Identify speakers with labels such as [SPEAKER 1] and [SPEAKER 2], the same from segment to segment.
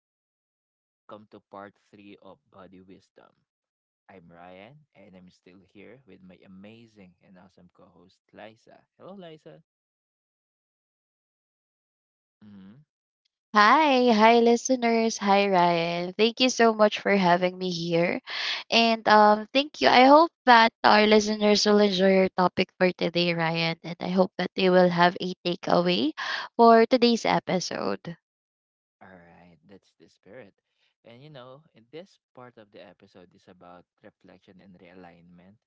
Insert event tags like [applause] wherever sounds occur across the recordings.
[SPEAKER 1] everyone, welcome to part 3 of Body Wisdom. I'm Ryan and I'm still here with my amazing and awesome co host Liza. Hello, Liza. Mm-hmm.
[SPEAKER 2] Hi, hi listeners. Hi Ryan. Thank you so much for having me here. And thank you. I hope that our listeners will enjoy your topic for today, Ryan, and I hope that they will have a takeaway for today's episode.
[SPEAKER 1] All right, that's the spirit. In this part of the episode is about reflection and realignment.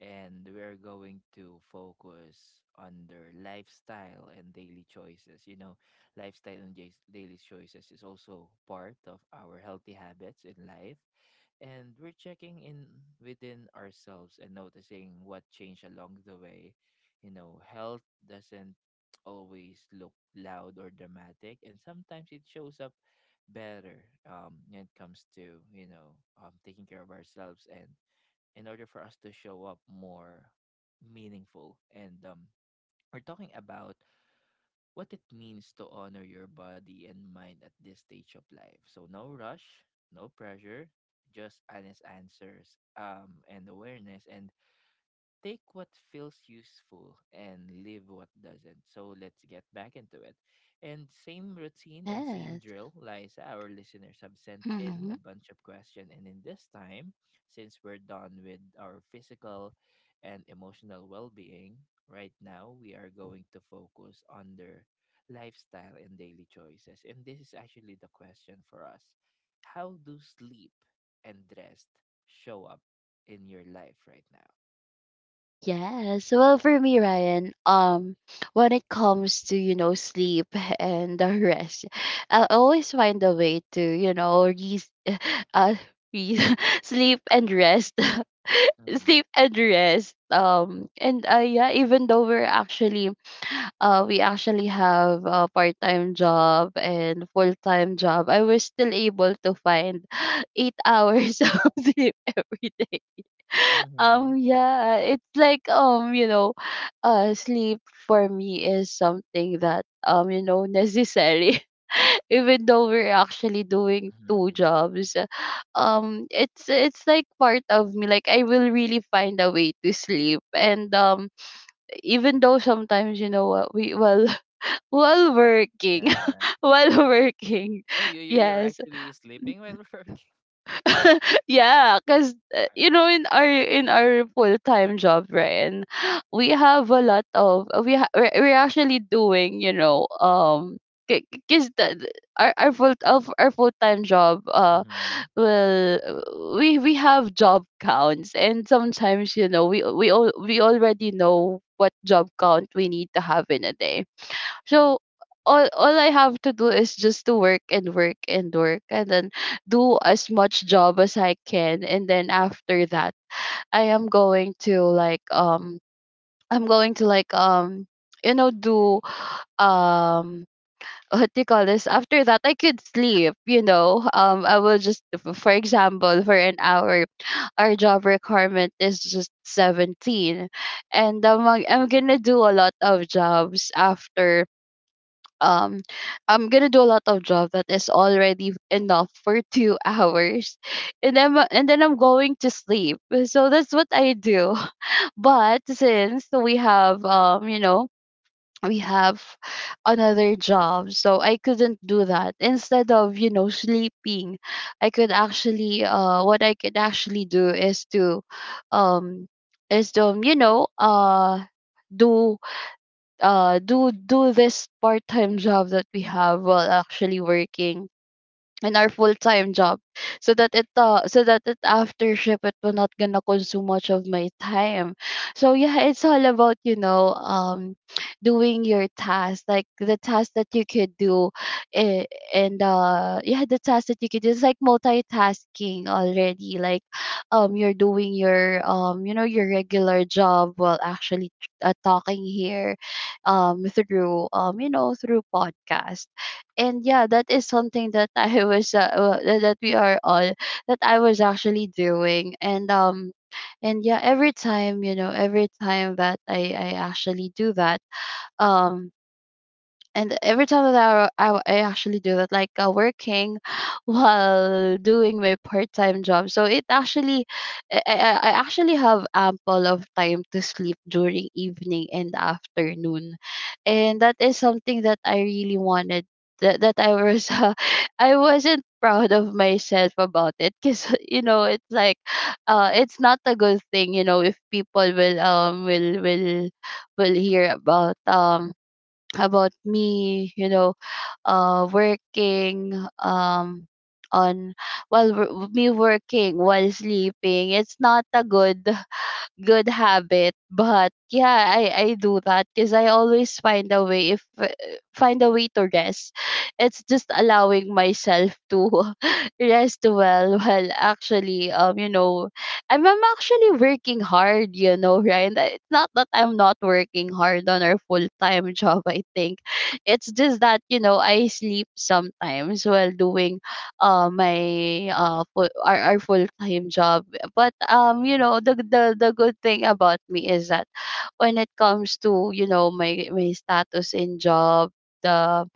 [SPEAKER 1] And we're going to focus on their lifestyle and daily choices. You know, lifestyle and daily choices is also part of our healthy habits in life, and we're checking in within ourselves and noticing what changed along the way. You know, health doesn't always look loud or dramatic, and sometimes it shows up better when it comes to taking care of ourselves and in order for us to show up more meaningful and We're talking about what it means to honor your body and mind at this stage of life. So no rush, no pressure, just honest answers and awareness, and take what feels useful and leave what doesn't. So let's get back into it. And same routine and same
[SPEAKER 2] Yes.
[SPEAKER 1] drill, Liza, our listeners have sent in a bunch of questions. And in this time, since we're done with our physical and emotional well being, right now we are going to focus on their lifestyle and daily choices. And this is actually the question for us. How do sleep and rest show up in your life right now?
[SPEAKER 2] Yes. Well, for me, Ryan, when it comes to, you know, sleep [laughs] and the rest, I always find a way to, you know, re- [laughs] uh, re- [laughs] sleep and rest. [laughs] Sleep and rest. And yeah, even though we're actually, we actually have a part-time job and full-time job. I was still able to find [laughs] 8 hours [laughs] of sleep every day. um
[SPEAKER 1] Mhm.
[SPEAKER 2] yeah it's like you know, sleep for me is something that, you know, necessary, [laughs] even though we're actually doing two
[SPEAKER 1] Mhm.
[SPEAKER 2] jobs. It's like part of me, like I will really find a way to sleep. And Even though sometimes, you know what, we well [laughs] while working,
[SPEAKER 1] Yeah.
[SPEAKER 2] [laughs] while working,
[SPEAKER 1] Oh, you
[SPEAKER 2] [laughs]
[SPEAKER 1] you you're
[SPEAKER 2] yes.
[SPEAKER 1] actually sleeping while [laughs] working?
[SPEAKER 2] [laughs] Yeah, because you know, in
[SPEAKER 1] Alright.
[SPEAKER 2] our in our full time job, Ryan, we have a lot of we ha- we're actually doing, you know, because our full time job,
[SPEAKER 1] Mhm.
[SPEAKER 2] well we have job counts, and sometimes, you know, we already know what job count we need to have in a day. So all I have to do is just to work and work and work, and then do as much job as I can. And then after that, I am going to like um I'm going to do, um [laughs] what do you call this, after that I could sleep, you know. I will just f- for example, for an hour our job requirement is just 17, and I'm gonna do a lot of jobs after. um I'm gonna do a lot of job that is already enough for 2 hours, [laughs] and then I'm going to sleep. So that's what I do. [laughs] But since we have you know we have another job, so I couldn't do that. Instead of, you know, sleeping, I could actually what I could actually do is to um is to, you know, do do this part-time job that we have while actually working in our full-time job, so that it so that it, after shift, it will not gonna consume much of my time. So yeah, it's all about, you know, doing your task, like the task that you could do, eh, and yeah, the task that you could do is like multitasking already, like you're doing your, you know, your regular job while actually, talking here through, you know, through podcast. And yeah, that is something that [laughs] I was that that we are all that I was actually doing. And yeah, every time, you know, every time that I actually do that, um and every time that I actually do that, like, working [gasps] [sighs] while doing my part-time job, so it actually, I actually have ample of time to sleep during evening and afternoon. And that is something that I really wanted, that I was [laughs] I wasn't proud of myself about, it because [laughs] you know it's like, it's not a good thing, you know, if people will hear about, about me, you know, working um on while me working while sleeping. It's not a good habit. But yeah, I do that because I always find a way, if find a way to rest. It's just allowing myself to [laughs] rest well. Well, actually, you know, I'm actually working hard, you know, right. It's not that I'm not working hard on our full-time [laughs] job, I think. It's just that, you know, I sleep sometimes while doing my our full-time job. But, you know, the good thing about me is that when it comes to, you know, my status in job, the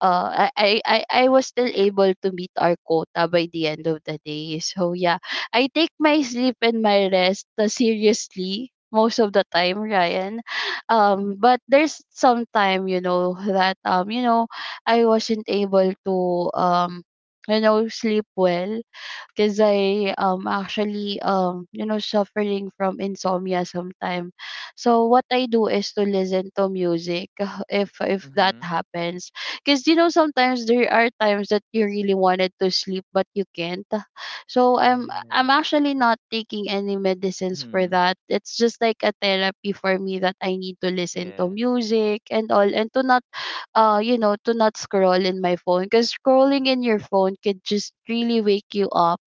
[SPEAKER 2] I was still able to meet our quota by the end of the day. So yeah, I take my sleep and my rest, seriously most of the time, Ryan. But there's some time, you know, that, you know, I wasn't able to, um, you know, sleep well, because I actually you know suffering from insomnia sometime. So what I do is to listen to music [laughs] if that
[SPEAKER 1] Mhm.
[SPEAKER 2] happens. Because you know sometimes there are times that you really wanted to sleep but you can't. So I'm
[SPEAKER 1] Yes.
[SPEAKER 2] actually not taking any medicines for
[SPEAKER 1] Mhm.
[SPEAKER 2] that. It's just like a therapy for me, that I need to listen to
[SPEAKER 1] Yes.
[SPEAKER 2] music and all, and to not you know to not scroll in my phone, because scrolling in your phone could just really wake you up.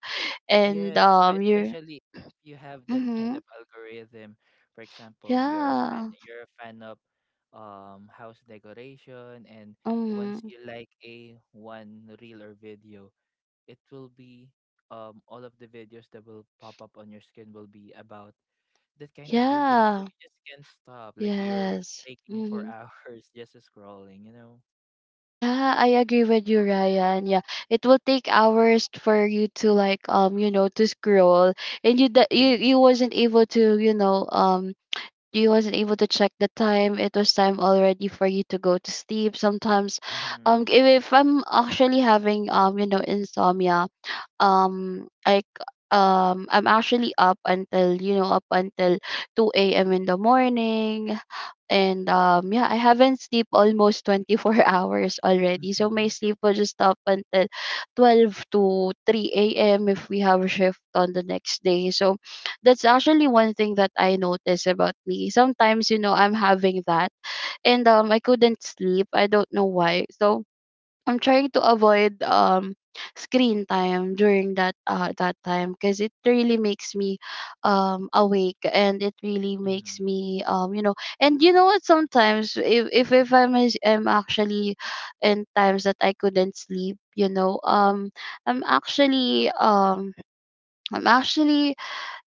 [SPEAKER 2] And,
[SPEAKER 1] Yes,
[SPEAKER 2] you're
[SPEAKER 1] especially if you have that kind
[SPEAKER 2] Mhm,
[SPEAKER 1] of algorithm. For example, you're a fan
[SPEAKER 2] yeah,
[SPEAKER 1] you're a fan of house decoration, and once
[SPEAKER 2] mhm,
[SPEAKER 1] you like a one reel or video, it will be all of the videos that will pop up on your screen will be about that kind of video. So
[SPEAKER 2] yeah,
[SPEAKER 1] you just can't stop. Like you're
[SPEAKER 2] yes,
[SPEAKER 1] taking for [laughs]
[SPEAKER 2] mhm.
[SPEAKER 1] hours just scrolling, you know?
[SPEAKER 2] Yeah, I agree with you, Ryan. Yeah, it will take hours for you to like you know to scroll, and you
[SPEAKER 1] Mm-hmm.
[SPEAKER 2] wasn't able to you know you wasn't able to check the time. It was time already for you to go to sleep. Sometimes,
[SPEAKER 1] Mm-hmm.
[SPEAKER 2] if I'm actually having you know insomnia, um I c- I'm actually up until, you know, up until 2 a.m. in the morning. And yeah, I haven't sleep almost 24 [laughs] hours already, so my
[SPEAKER 1] Mm-hmm.
[SPEAKER 2] sleep will just up until 12 to 3 a.m. if we have a shift on the next day. So that's actually one thing that I notice about me sometimes, you know, I'm having that, and I couldn't sleep, I don't know why. So I'm trying to avoid screen time during that time, because it really makes me awake, and it really makes
[SPEAKER 1] Mm-hmm.
[SPEAKER 2] me, you know. And you know what, sometimes if I'm actually in times that I couldn't sleep, you know, I'm actually um I'm actually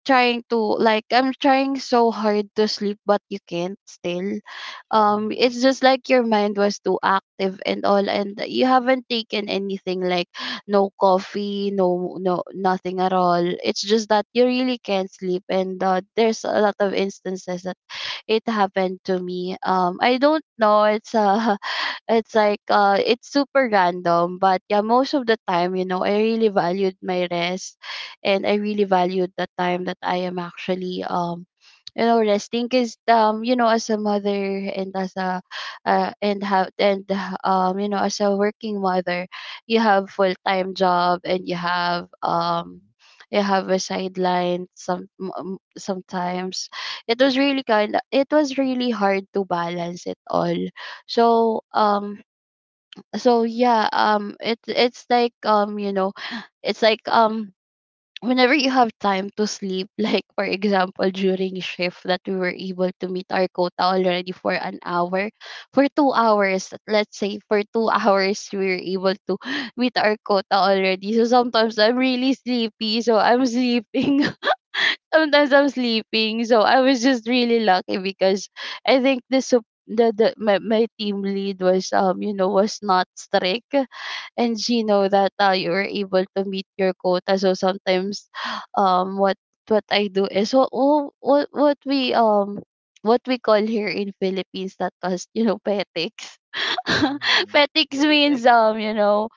[SPEAKER 2] trying to, I'm trying so hard to sleep, but you can't still. Um,
[SPEAKER 1] Mm-hmm.
[SPEAKER 2] it's just like your mind was too active and all, and you haven't taken anything, like no coffee, no nothing at all. It's just that you really can't sleep. And there's a lot of instances that it happened to me. Um, I don't know, it's [laughs] it's like it's super random. But yeah, most of the time, you know, I really valued my rest, and I really valued the time that I am actually, you know, resting. Because you know as a mother, and as a and have and you know, as a working mother, you have full time job, and you have,
[SPEAKER 1] Mm-hmm.
[SPEAKER 2] you have a sideline sometimes. It was really kind it was really hard to balance it all. So um so yeah, it it's like you know it's like whenever you have time to sleep, [laughs] like for example during shift that we were able to meet our quota already for an hour, for 2 hours. Let's say for two [laughs] hours we were able to [gasps] meet our quota already. So sometimes I'm really sleepy, so I'm [laughs] sleeping sometimes I'm sleeping. So I was just really lucky, because I think the sup- the my, my team lead was you know was not strict, and she know that, you were able to meet your quota. So sometimes [sighs] um what what I do is what we call here in Philippines, that was, you know, petics. [laughs]
[SPEAKER 1] Mm-hmm.
[SPEAKER 2] Petics
[SPEAKER 1] Like,
[SPEAKER 2] means, you know,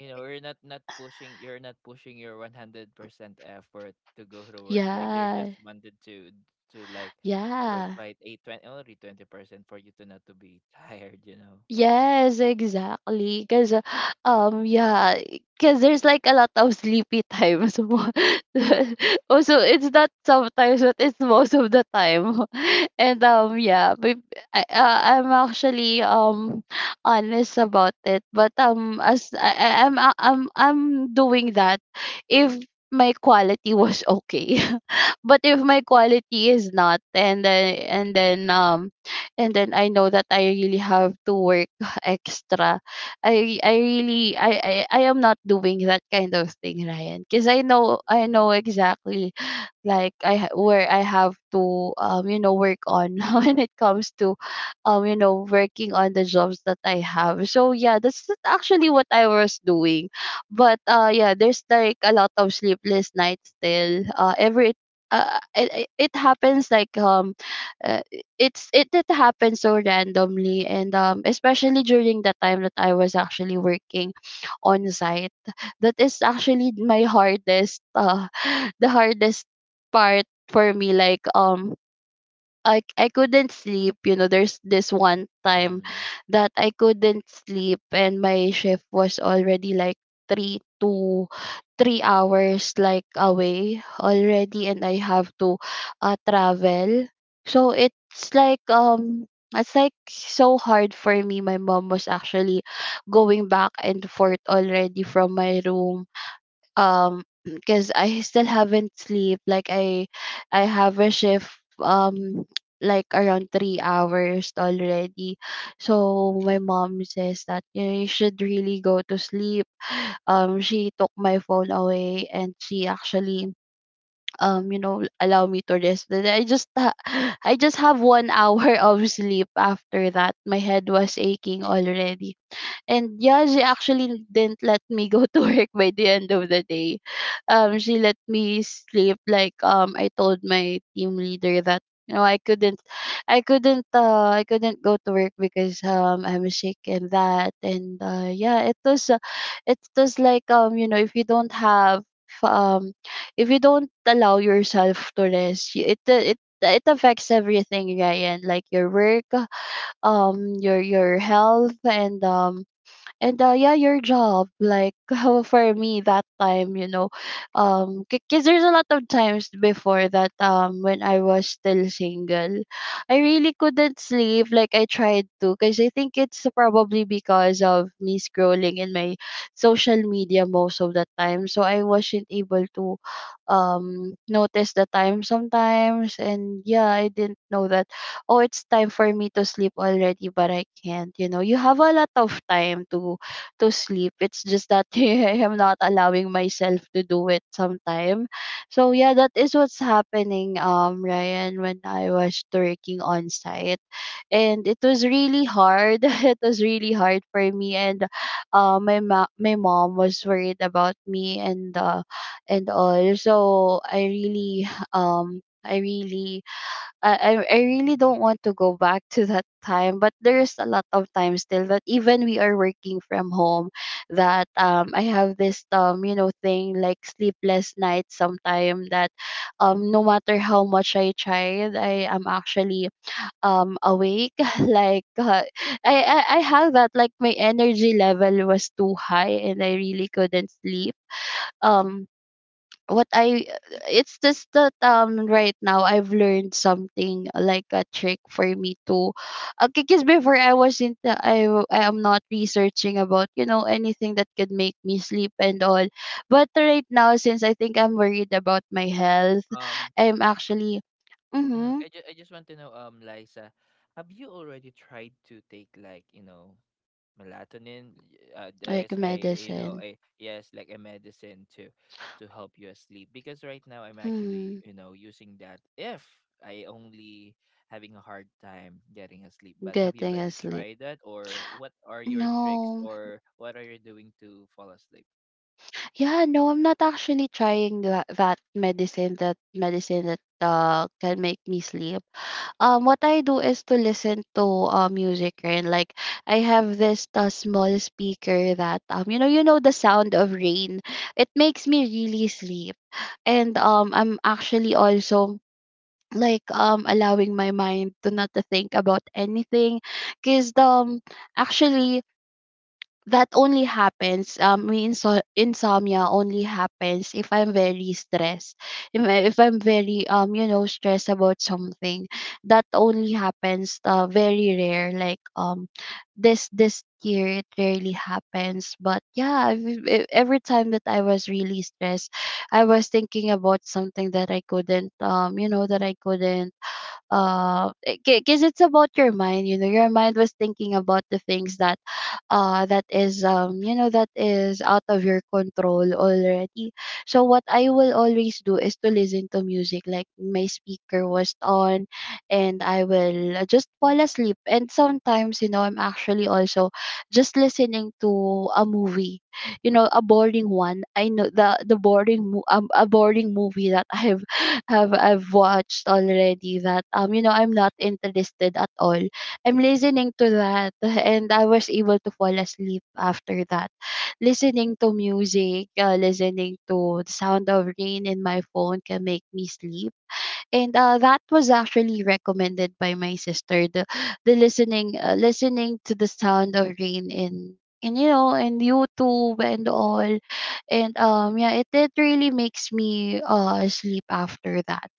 [SPEAKER 1] you know, you're not pushing. You're not pushing your 100% effort to go to work. Like you're
[SPEAKER 2] yeah,
[SPEAKER 1] just wanted to like
[SPEAKER 2] yeah.
[SPEAKER 1] provide a twenty only 20% for you to not to be [laughs] tired. You know.
[SPEAKER 2] Yes, exactly. Because, yeah, because there's like a lot of sleepy times. [laughs] Also, it's not sometimes, but it's most of the time. [laughs] And yeah. But I'm actually honest about it. But as I'm doing that if my quality was okay, [laughs] but if my quality is not, and
[SPEAKER 1] Mm-hmm.
[SPEAKER 2] then I know that I really have to work [laughs] extra. I really I am not doing that kind of thing, Ryan, because I know, I know
[SPEAKER 1] Mm-hmm.
[SPEAKER 2] exactly, like where I have to, you know, work on, [laughs] when it comes to, you know, working on the jobs that I have. So yeah, that's actually what I was doing. But yeah, there's like a lot of sleepless nights still. Every it, it it happens like uh, it happens so randomly, and especially during the time that I was actually working on site, that is actually my hardest [sighs] [laughs] the hardest part for me. I couldn't sleep, there's this one time
[SPEAKER 1] Mm-hmm.
[SPEAKER 2] that I couldn't sleep and my shift was already like 3 to 3 hours like away already, and I have to travel. So it's like so hard for me. My mom was actually going back and forth already from my room, because I still haven't sleep. I have a shift um like around 3 hours already, so my
[SPEAKER 1] Mm-hmm.
[SPEAKER 2] mom says that you should really go to sleep. She took my phone away and she actually allow me to rest. Then I just have 1 hour [laughs] of sleep. After that my head was aching already, and yeah, she actually didn't let me go to work by the end of the day. She let me sleep. I told my team leader that I couldn't, I couldn't go to work because I'm sick and that. And Yeah, it was like you know, if you don't have um if you don't allow yourself to rest, it it affects everything, Ryan. Like your work, your health, and yeah, your job. [laughs] For me that time, because there's a lot of times before that, when I was still single, I really couldn't sleep. Like I tried to, because I think it's probably because of me scrolling in my social media most of the time, so I wasn't able to notice the time sometimes. And yeah, I didn't know that, oh, it's time for me to sleep already, but I can't. You know, you have a lot of time to sleep. It's just that [laughs] I am not allowing myself to do it sometime. So yeah, that is what's happening, Ryan, when I was working on site. And it was really hard. [laughs] It was really hard for me, and my mom was worried about me, and all. So I really [sighs] I really I really don't want to go back to that time. But there's a lot of time still that, even we are working from home, that I have this thing like sleepless nights sometime, that no matter how much I tried, I am actually awake. [laughs] like uh, I I have that, like my energy level was too high and I really couldn't sleep. Um what I It's just that right now I've learned something like a trick for me to okay, because before I wasn't I am not researching about anything that could make me sleep and all. But right now, since I think I'm worried about my health,
[SPEAKER 1] Um,
[SPEAKER 2] I'm actually, mm-hmm,
[SPEAKER 1] I just want to know, Liza, have you already tried to take, like, you know, melatonin? There's
[SPEAKER 2] like
[SPEAKER 1] a, you know,
[SPEAKER 2] medicine,
[SPEAKER 1] a yes, like a medicine to help you sleep. Because right now I'm actually,
[SPEAKER 2] hmm,
[SPEAKER 1] you know, using that if I only having a hard time getting asleep. But have you
[SPEAKER 2] getting
[SPEAKER 1] already
[SPEAKER 2] asleep,
[SPEAKER 1] tried that, or what are your tricks,
[SPEAKER 2] no.
[SPEAKER 1] or what are you doing to fall asleep?
[SPEAKER 2] Yeah, no, I'm not actually trying that, that medicine that can make me sleep. What I do is to listen to music. And like I have this small speaker that, you know, the sound of rain, it makes me really sleep. And I'm actually also allowing my mind to not to think about anything, because actually that only happens my insomnia only happens if I'm very stressed. If I'm very stressed about something, that only happens very rare. This year it rarely happens, but yeah, every time that I was really stressed, I was thinking about something that I couldn't, that I couldn't uh because it's about your mind. You know, your mind was thinking about the things that that is, that is out of your control already. So what I will always do is to listen to music, like my speaker was on, and I will just fall asleep. And sometimes, you know, I'm actually also just listening to a movie, you know, a boring one. I know a boring movie that I've [laughs] have I've watched already that, I'm not interested at all. I'm listening to that, [laughs] and I was able to fall asleep after that. Listening to music, listening to the sound of rain in my phone can make me sleep. And that was actually recommended by my sister, the listening listening to the sound of rain in, and you know, and YouTube and all. And yeah, it really makes me sleep after that.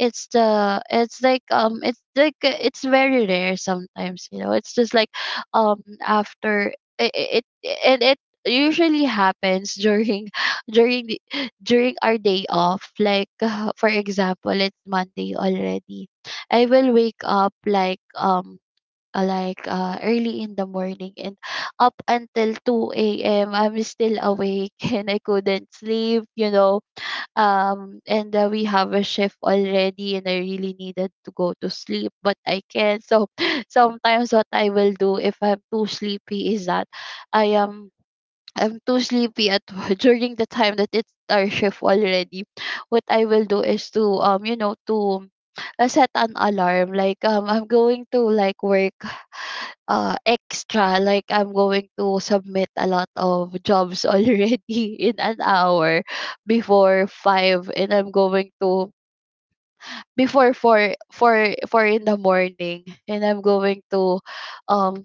[SPEAKER 2] It's the it's like it's like It's very rare sometimes. You know, it's just like after it it it, it it usually happens during [laughs] during the during our day off. Like [laughs] for example, it's Monday already. I will wake up like early in the morning, and up until 2 a.m. I'm still awake [laughs] and I couldn't sleep, you know. And We have a shift already and I really needed to go to sleep but I can't. So [laughs] sometimes what I will do if I'm too sleepy is that I am I'm too sleepy at [laughs] during the time that it's our shift already. What I will do is to to set an alarm. I'm going to like work extra, like I'm going to submit a lot of jobs already [laughs] in an hour before 5, and I'm going to before 4 in the morning, and um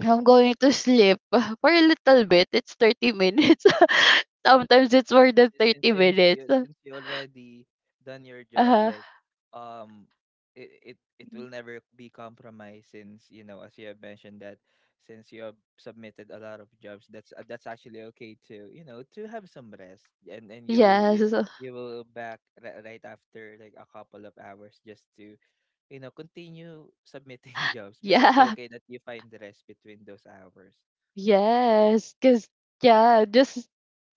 [SPEAKER 2] I'm going to sleep [laughs] for a little bit. It's 30 minutes. [laughs] Sometimes it's more than
[SPEAKER 1] si-, since
[SPEAKER 2] 30
[SPEAKER 1] since
[SPEAKER 2] minutes.
[SPEAKER 1] you since you already done your job,
[SPEAKER 2] Uh,
[SPEAKER 1] like um it will never be compromised since, you know, as you have mentioned that since you have submitted a lot of jobs, that's actually okay to, you know, to have some rest, and
[SPEAKER 2] yes.
[SPEAKER 1] you
[SPEAKER 2] [laughs]
[SPEAKER 1] will back right after, like, a couple of hours, just to, you know, continue submitting [laughs] jobs, but that's
[SPEAKER 2] Yeah.
[SPEAKER 1] okay that you find the rest between those hours.
[SPEAKER 2] Yes. Because, yeah, just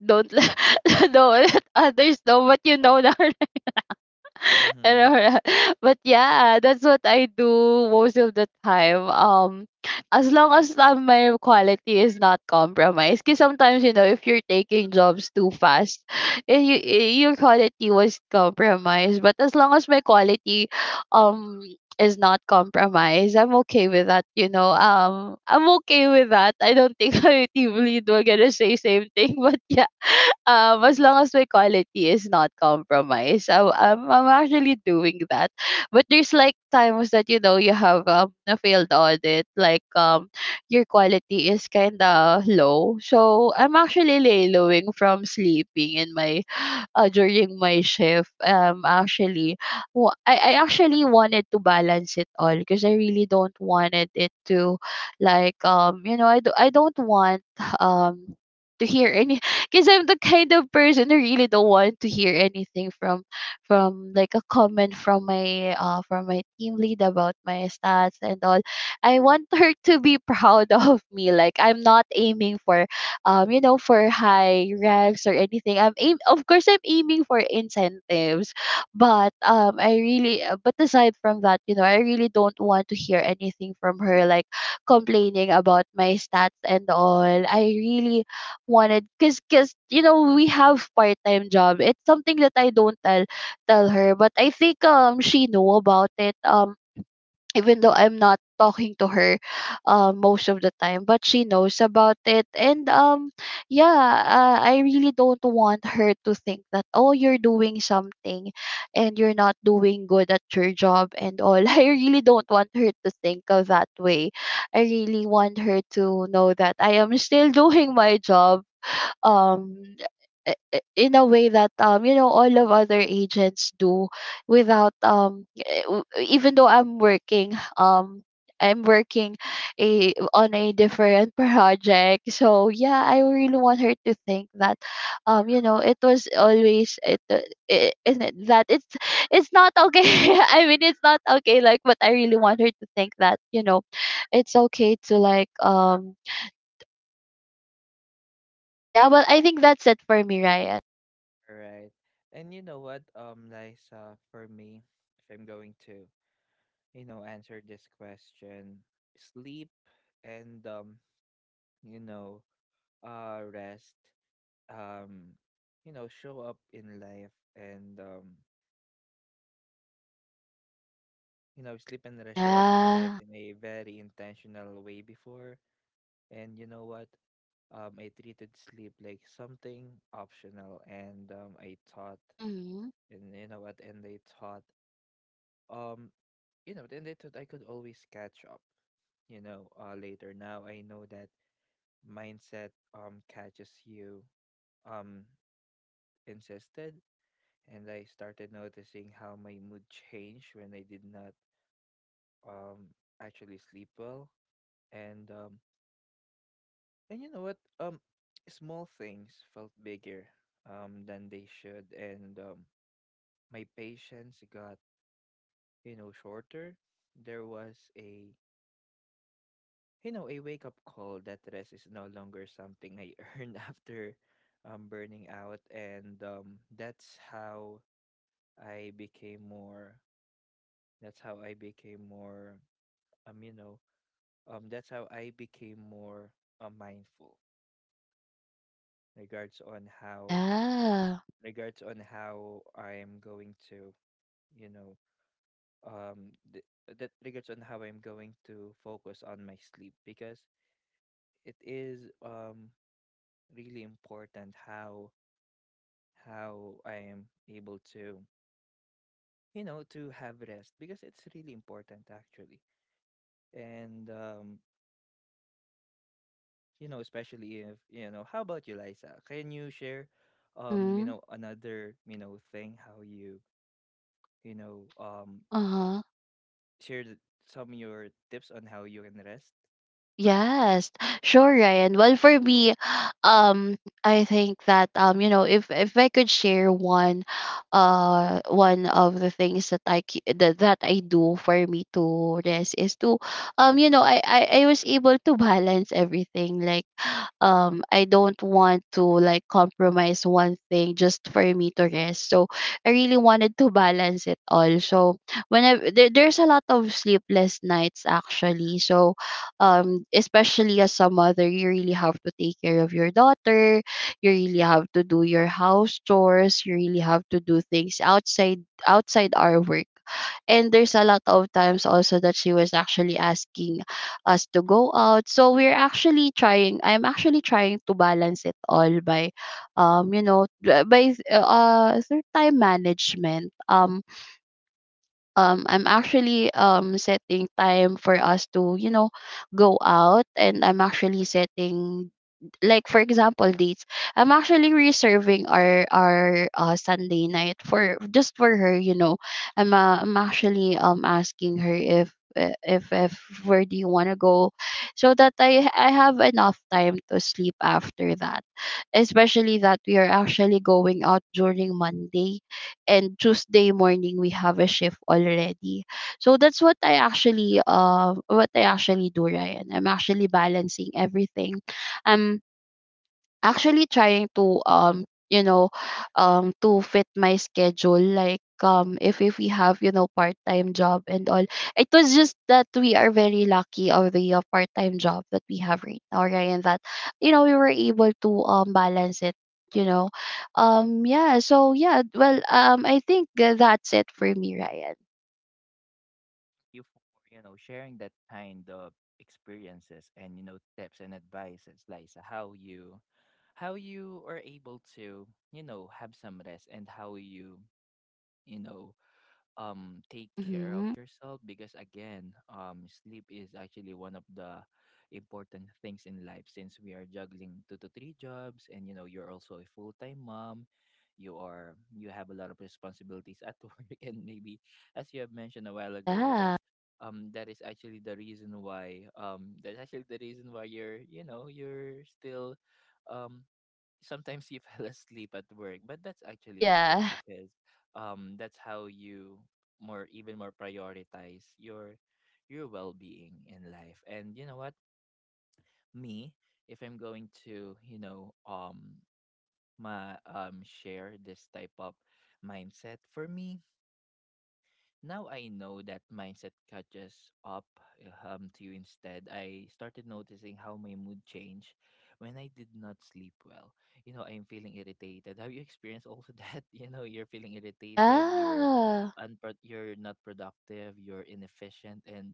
[SPEAKER 2] don't let, [laughs] don't let others know what you know now. [laughs] [laughs] And
[SPEAKER 1] Mm-hmm.
[SPEAKER 2] all that. But yeah, that's what I do most of the time. As long as my quality is not compromised, because sometimes, you know, if you're taking jobs too fast, your quality was compromised. But as long as my quality, um. is not compromised, I'm okay with that, you know. I'm okay with that. I don't think [laughs] my team lead will gonna say same thing, [laughs] but yeah, [laughs] as long as my quality is not compromised, I'm actually doing that. But there's like times that, you know, you have a failed audit, like, your quality is kind of low. So I'm actually laying from sleeping in my during my shift. Actually, I actually wanted to balance it all, because I really don't wanted it to, like, you know, I don't want um to hear any, [laughs] because I'm the kind of person who really don't want to hear anything from like a comment from my team lead about my stats and all. I want her to be proud [laughs] of me. Like I'm not aiming for you know, for high ranks or anything. I'm aim of course I'm aiming for incentives, but I really but aside from that, you know, I really don't want to hear anything from her, like complaining about my stats and all. I really wanted, because you know, we have part time job. It's something that I don't tell her, but I think she know about it. Even though I'm not talking to her, most of the time, but she knows about it. And yeah, I really don't want her to think that, oh, you're doing something and you're not doing good at your job and all. [laughs] I really don't want her to think of that way. I really want her to know that I am still [laughs] doing my job, um in a way that, all of other agents do, without even though I'm working, I'm working a on a different [laughs] project. So yeah, I really want her to think that, it was always it, I not it that it's not okay. [laughs] I mean, it's not okay, like, but I really want her to think that, you know, it's okay to, like, yeah. Well, I think that's it for me, Ryan.
[SPEAKER 1] Right. And you know what, Liza, for me, if I'm going to, you know, answer this question, sleep and you know, rest, um, you know, show up in life and sleep and rest show up in life
[SPEAKER 2] Yeah.
[SPEAKER 1] in a very intentional way before. And you know what? I treated sleep like something optional, and I thought
[SPEAKER 2] Mhm.
[SPEAKER 1] and you know what and they thought um you know then they thought I could always catch up, you know, later. Now I know that mindset catches you um insisted And I started noticing how my mood changed when I did not um actually sleep well. And um and you know what Small things felt bigger than they should, and my patience got, you know, shorter. There was a, you know, a wake up call that rest is no longer something I earned [laughs] after burning out. And that's how I became more, that's how I became more, you know, that's how I became more mindful regards on how,
[SPEAKER 2] Yeah.
[SPEAKER 1] regards on how I am going to, you know, th- that regards on how I'm going to focus on my sleep, because it is really important how I am able to, you know, to have rest, because it's really important actually. And you know, especially if you know, how about you, Liza? Can you share, you
[SPEAKER 2] Mhm.
[SPEAKER 1] know, another you know thing how you you know um
[SPEAKER 2] Uh-huh.
[SPEAKER 1] share th- some of your tips on how you can rest?
[SPEAKER 2] Yes, sure, Ryan. Well, for me, um, I think that if I could share one of the things that that I do for me to rest is I was able to balance everything. Like, I don't want to like compromise one thing just for me to rest. So I really wanted to balance it all. So when I there's a lot of sleepless nights actually. So especially as a mother you really have to take care of your daughter, you really have to do your house chores, you really have to do things outside our work, and there's a lot of times also that she was actually asking us to go out, so we're actually trying I'm actually trying to balance it all by you know d- by through time management. I'm actually setting time for us to, you know, go out, and I'm actually setting, like for example, dates. I'm actually reserving our Sunday night for just for her, you know. I'm actually asking her if where do you want to go, so that I have enough time to sleep after that, especially that we are actually going out during Monday, and Tuesday morning we have a shift already. So that's what I actually do, Ryan. I'm actually balancing everything. I'm actually trying to to fit my schedule, like if we have, you know, part-time job and all. It was just that we are very lucky of the part-time job that we have right now, right, and that, you know, we were able to balance it, you know. Yeah, so yeah, well, I think, that's it for me, Ryan.
[SPEAKER 1] You for, you know, sharing that kind of experiences and you know tips and advices, Liza, how you are able to, you know, have some rest, and how you, you know, take care of
[SPEAKER 2] Mm-hmm.
[SPEAKER 1] yourself. Because again, um, sleep is actually one of the important things in life, since we are juggling two to three jobs, and, you know, you're also a full-time mom. You have a lot of responsibilities at [laughs] work, and maybe as you have mentioned a while ago that
[SPEAKER 2] Yeah,
[SPEAKER 1] that is actually the reason why that's actually the reason why you're, you know, you're still um sometimes you [laughs] fell asleep at work, but that's actually okay
[SPEAKER 2] yeah,
[SPEAKER 1] because that's how you more even more prioritize your well-being in life. And you know what? Me, if I'm going to, you know, my share this type of mindset for me. Now I know that mindset catches up to you instead. I started noticing how my mood changed when I did not sleep well. You know, I'm feeling irritated. Have you experienced also [laughs] that? You know, you're feeling irritated, you're
[SPEAKER 2] yeah.
[SPEAKER 1] you're not productive, you're inefficient, and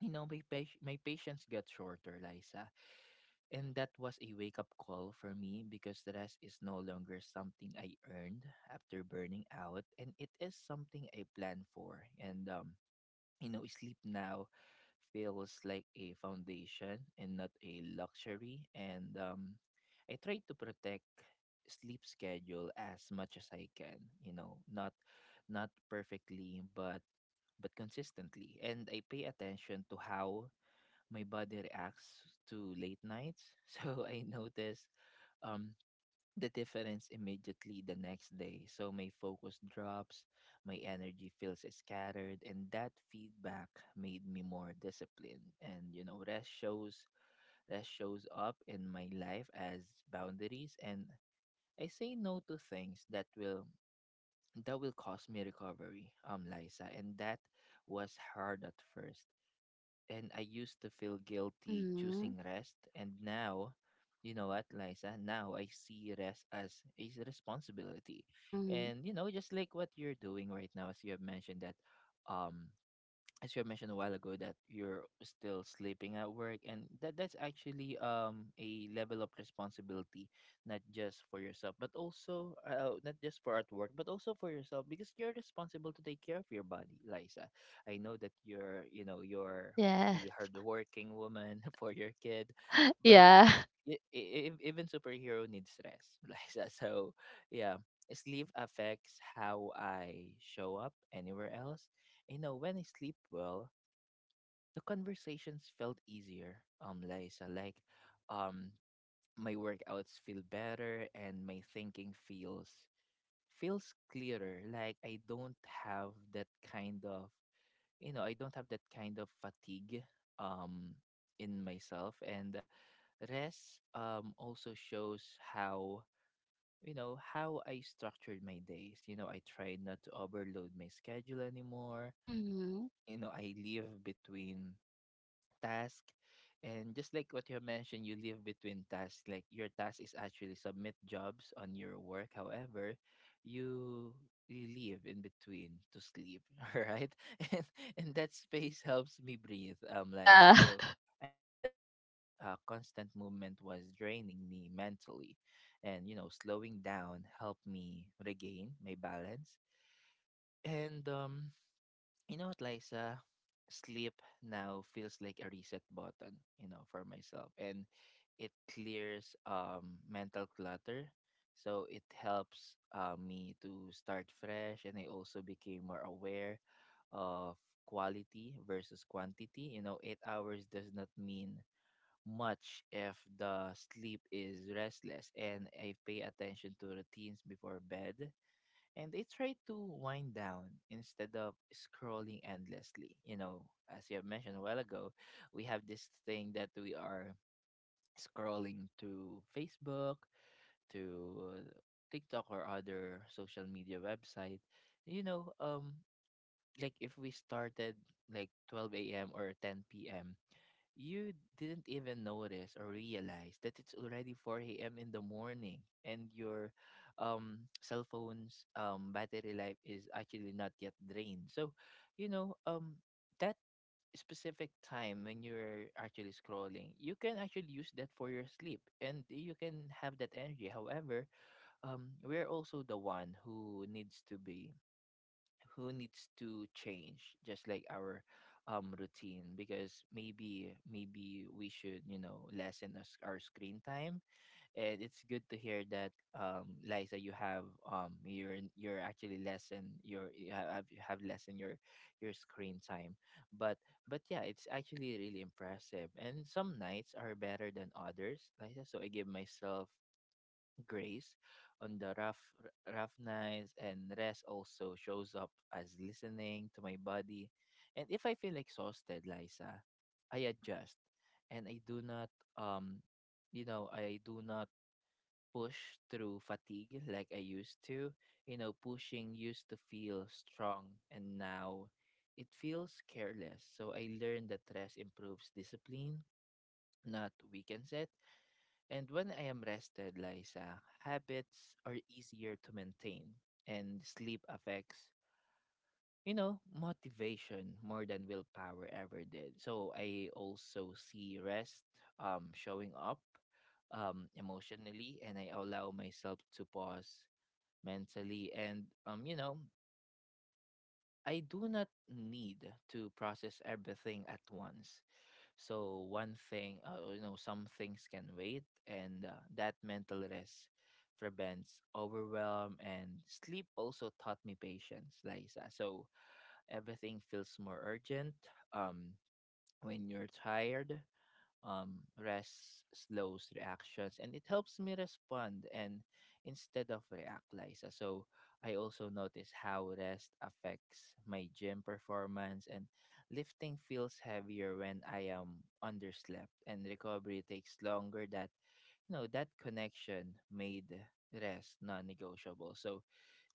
[SPEAKER 1] you know, my patience got shorter, Liza. And that was a wake up call for me because the rest is no longer something I earned after burning out, and it is something I planned for. And you know, sleep now feels like a foundation and not a luxury. And I try to protect sleep schedule as much as I can. You know, not not perfectly, but consistently. And I pay attention to how my body reacts to late nights. [laughs] So I notice um the difference immediately the next day. So my focus drops, my energy feels scattered, and that feedback made me more disciplined. And you know, rest shows up in my life as boundaries, and I say no to things that will cost me recovery, um, Liza. And that was hard at first, and I used to feel guilty
[SPEAKER 2] Mm-hmm.
[SPEAKER 1] choosing rest. And now, you know what, Liza? Now I see rest as a responsibility.
[SPEAKER 2] Mm-hmm.
[SPEAKER 1] And, you know, just like what you're doing right now, as you have mentioned that um as you have mentioned a while ago that you're still sleeping at work, and that that's actually a level of responsibility, not just for yourself, but also not just for at work, but also for yourself, because you're responsible to take care of your body, Liza. I know that you're you know you're
[SPEAKER 2] Yeah.
[SPEAKER 1] really hardworking woman [laughs] for your kid,
[SPEAKER 2] [laughs]
[SPEAKER 1] but
[SPEAKER 2] Yeah.
[SPEAKER 1] y- even superhero needs rest, [laughs] Liza. So yeah, sleep affects how I show up anywhere else. You know, when I sleep well, the conversations felt easier, Liza. Like, um, my workouts feel better, and my thinking feels clearer. Like I don't have that kind of, you know, I don't have that kind of fatigue, um, in myself. And rest, also shows how you know how I structured my days. You know, I try not to overload my schedule anymore.
[SPEAKER 2] Mhm.
[SPEAKER 1] You know, I live between task, and just like what you mentioned, you live between tasks. Like your task is actually submit jobs on your work, however you you live in between to sleep. [laughs] All right. [laughs] and, and that space helps me breathe, um, Liza.
[SPEAKER 2] Yeah. [laughs]
[SPEAKER 1] So I realized constant movement was draining me mentally, and you know, slowing down helped me regain my balance. And um, you know what, Liza? Sleep now feels like a reset button, you know, for myself. And it clears mental clutter. So it helps me to start fresh, and I also became more aware of quality versus quantity. You know, 8 hours does not mean much if the sleep is restless, and I pay attention to routines before bed, and they try to wind down instead of scrolling endlessly. You know, as you have mentioned a while ago, we have this thing that we are scrolling to Facebook, to TikTok or other social media website. You know, um, like if we started like 12 a.m. or 10 p.m. you didn't even notice or realize that it's already 4 a.m. in the morning and your cell phone's battery life is actually not yet drained. So, you know, um, that specific time when you're actually scrolling, you can actually use that for your sleep and you can have that energy. However, we're also the one who needs to change just like our routine because maybe we should, you know, lessen us our screen time, and it's good to hear that, Liza, you have, you're actually lessen your, you have lessen your screen time, but but yeah, it's actually really impressive. And some nights are better than others, Liza, so I give myself grace on the rough nights, and rest also shows up as listening to my body. And if I feel exhausted, Liza, I adjust and I do not, um you know, I do not push through fatigue like I used to. You know, pushing used to feel strong, and now it feels careless. So I learned that rest improves discipline, not weakens it. And when I am rested, Liza, habits are easier to maintain, and sleep affects, you know, motivation more than willpower ever did. So I also see rest showing up emotionally, and I allow myself to pause mentally, and you know, I do not need to process everything at once. So one thing, you know, some things can wait, and that mental rest prevents overwhelm. And sleep also taught me patience, Liza. So everything feels more urgent um, when you're tired. Rest slows reactions and it helps me respond and instead of react, Liza. So I also notice how rest affects my gym performance, and lifting feels heavier when I am underslept, and recovery takes longer. That, you know, that connection made rest non-negotiable. So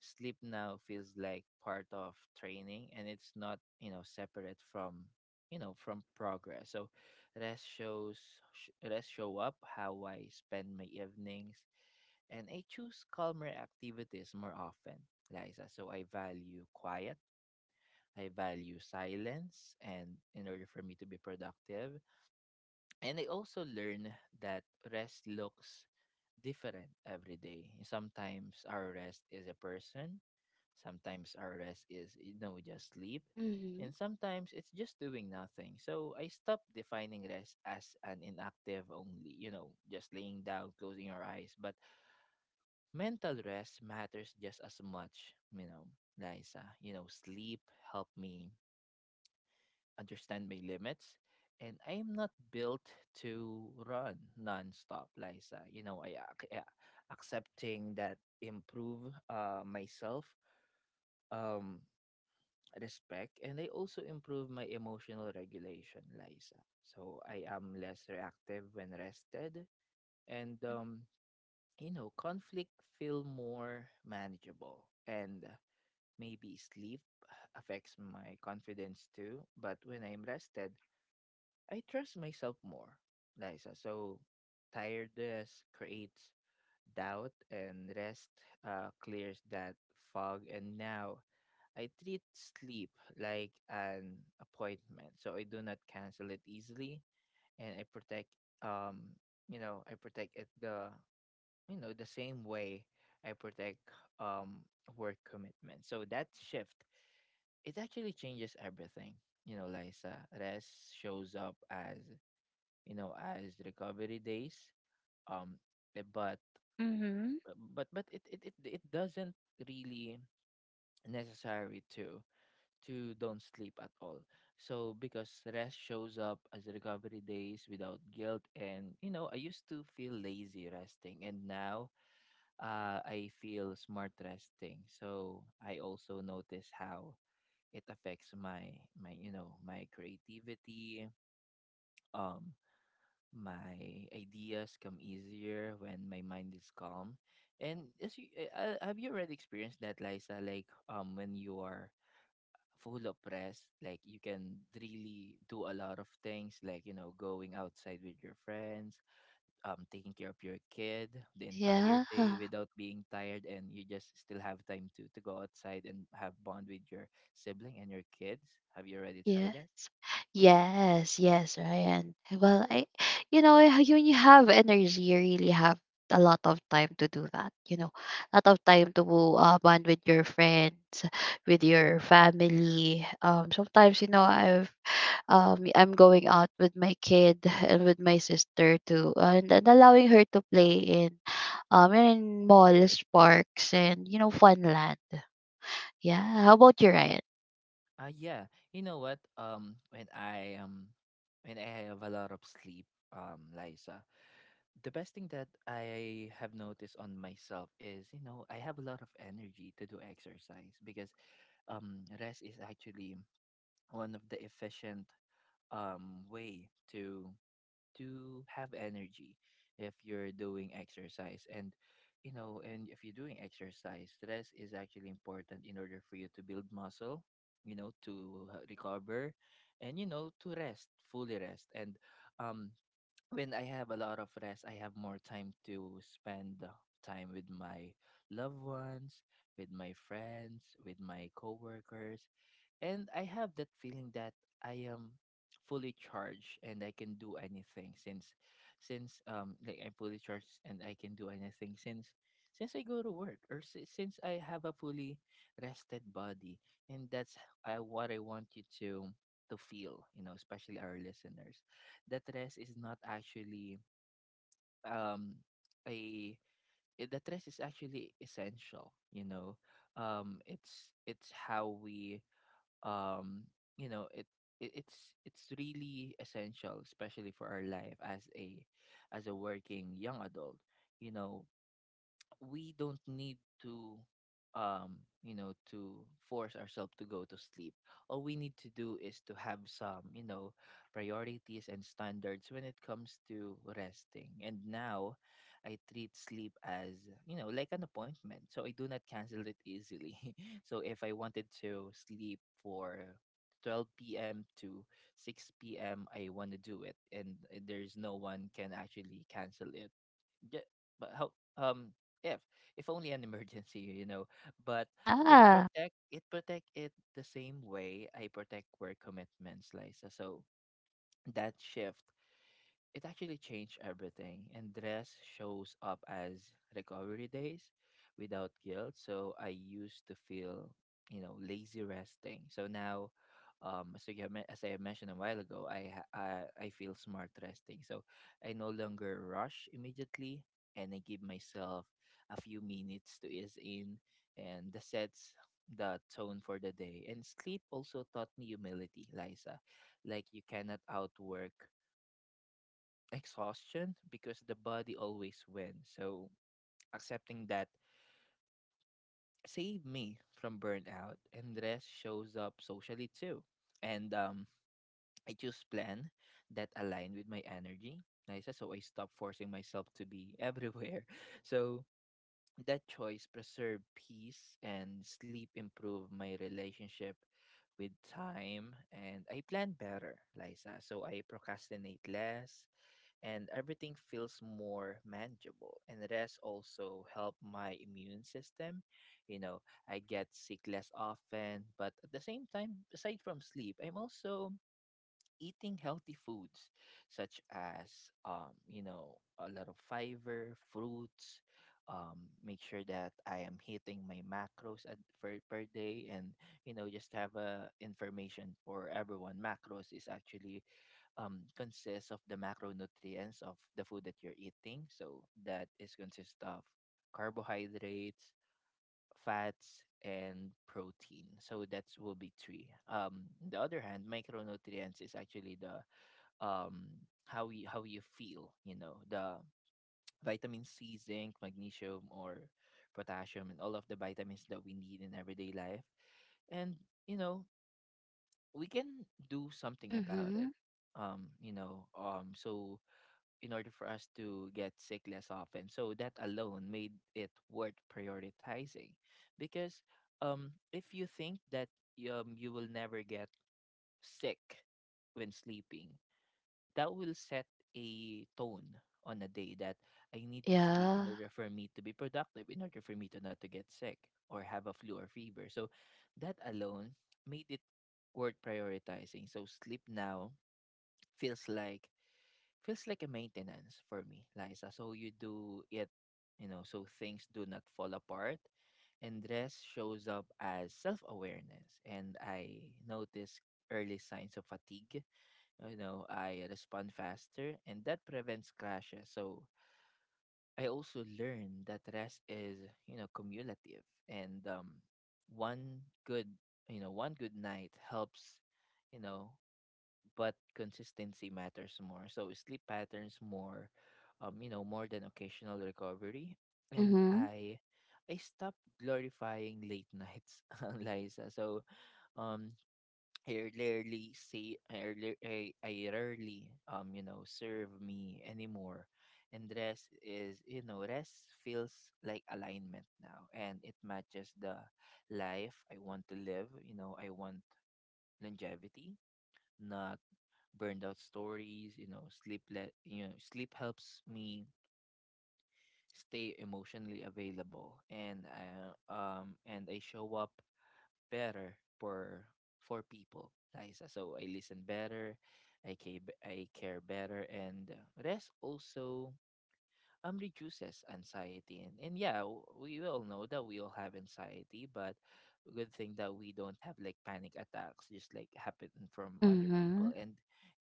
[SPEAKER 1] sleep now feels like part of training, and it's not, you know, separate from, you know, from progress. So rest shows rest show up how I spend my evenings, and I choose calmer activities more often, Liza. So I value quiet, I value silence, and in order for me to be productive. And I also learned that rest looks different every day. Sometimes our rest is a person, sometimes our rest is, you know, just sleep,
[SPEAKER 2] Mhm.
[SPEAKER 1] and sometimes it's just doing nothing. So I stopped defining rest as an inactive only, you know, just laying down, closing your eyes. But mental rest matters just as much, you know, Liza. You know, sleep helped me understand my limits, and I am not built to run nonstop, Liza. You know, yeah, accepting that improve myself, um, respect, and I also improve my emotional regulation, Liza. So I am less reactive when rested, and you know, conflict feel more manageable, and maybe sleep affects my confidence too. But when I'm rested, I trust myself more, Liza. So tiredness creates doubt, and rest, clears that fog. And now I treat sleep like an appointment. So I do not cancel it easily, and I protect, um you know, I protect it the, you know, the same way I protect um work commitment. So that shift, it actually changes everything. You know, Liza, rest shows up as, you know, as recovery days, um but
[SPEAKER 2] Mhm.
[SPEAKER 1] it doesn't really necessary to don't sleep at all. So because rest shows up as recovery days without guilt, and you know, I used to feel lazy resting, and now, I feel smart resting. So I also notice how it affects my, my creativity. um My ideas come easier when my mind is calm. And as you, have you already experienced that, Liza? Like, when you are full of press, like you can really do a lot of things, like, you know, going outside with your friends, taking care of your kid the entire
[SPEAKER 2] Yeah.
[SPEAKER 1] day without being tired, and you just still have time to go outside and have bond with your sibling and your kids. Have you already tried
[SPEAKER 2] Yes.
[SPEAKER 1] that?
[SPEAKER 2] Yes, yes, Ryan. Well, I, you know, when you have energy, you really have a lot of time to do that. You know, a lot of time to bond with your friends, with your family. Sometimes, you know, I'm going out with my kid and with my sister too, and allowing her to play in malls, parks, and, you know, fun land. Yeah. How about you, Ryan?
[SPEAKER 1] Yeah. You know what? When I have a lot of sleep, Liza, the best thing that I have noticed on myself is, you know, I have a lot of energy to do exercise, because rest is actually one of the efficient way to have energy if you're doing exercise. And you know, and if you're doing exercise, stress is actually important in order for you to build muscle, you know, to recover, and you know, to rest, fully rest. And um when I have a lot of rest, I have more time to spend, time with my loved ones, with my friends, with my coworkers. And I have that feeling that I am fully charged and I can do anything, since like I'm fully charged and I can do anything since I go to work, or since I have a fully rested body. And that's, I, what I want you to feel, you know, especially our listeners, that rest is not actually, um a that rest is actually essential, you know. It's how we, um you know, it it's really essential, especially for our life as a working young adult. You know, we don't need to, um you know, to force ourselves to go to sleep. All we need to do is to have some, you know, priorities and standards when it comes to resting. And now I treat sleep as, you know, like an appointment, so I do not cancel it easily. [laughs] So if I wanted to sleep for 12 p.m. to 6 p.m., I want to do it, and there's no one can actually cancel it. Yeah, but how, um if if only an [laughs] emergency, you know. But
[SPEAKER 2] Yeah.
[SPEAKER 1] it protect it the same way I protect work commitments, Liza. So that shift, it actually changed everything. And dress shows up as recovery days without guilt. So I used to feel, you know, lazy resting. So now, as I have mentioned a while ago, I, ha- I feel smart resting. So I no longer rush immediately, and I give myself a few minutes to ease in, and the sets the tone for the day. And sleep also taught me humility, Liza. Like you cannot outwork exhaustion, because the body always wins. So accepting that saved me from burnout, and rest shows up socially too. And I choose plan that align with my energy. Nice. So I stop forcing myself to be everywhere. [laughs] So that choice preserved peace, and sleep improved my relationship with time, and I plan better, Liza. So I procrastinate less, and everything feels more manageable. And rest also help my immune system. You know, I get sick less often, but at the same time, aside from sleep, I'm also eating healthy foods such as, you know, a lot of fiber, fruits. Um, make sure that I am hitting my macros at, for, per day, and you know, just have a information for everyone. Macros is actually, consists of the macronutrients of the food that you're eating. So that is consist of carbohydrates, fats, and protein. So that will be three. On the other hand, micronutrients is actually the, how you feel, you know, the vitamin C, zinc, magnesium, or potassium, and all of the vitamins that we need in everyday life. And you know, we can do something about
[SPEAKER 2] Mm-hmm.
[SPEAKER 1] it, so in order for us to get sick less often. So that alone made it worth prioritizing, because, if you think that, you will never get sick when sleeping, that will set a tone on a day that I need to sleep in
[SPEAKER 2] Yeah.
[SPEAKER 1] order for me to be productive, in order for me to not to get sick or have a flu or fever. So that alone made it worth prioritizing. So sleep now feels like feels like a maintenance for me, Liza. So you do it, you know, so things do not fall apart. And rest shows up as self awareness. And I notice early signs of fatigue, you know, I respond faster, and that prevents crashes. So I also learned that rest is, you know, cumulative, and one good, you know, one good night helps, you know, but consistency matters more. So sleep patterns more, you know, more than occasional recovery. And
[SPEAKER 2] Mhm.
[SPEAKER 1] I stopped glorifying late nights, [laughs] Liza. So um I rarely say I rarely serve me anymore. And rest is, rest feels like alignment now, and it matches the life I want to live. You know, I want longevity, not burned out stories. You know, sleep helps me stay emotionally available, and I show up better for people, Liza. So I listen better, I care better, and rest also reduces anxiety. And yeah, we all know that we all have anxiety, but good thing that we don't have like panic attacks, just like happen from other people.
[SPEAKER 2] Mhm.
[SPEAKER 1] And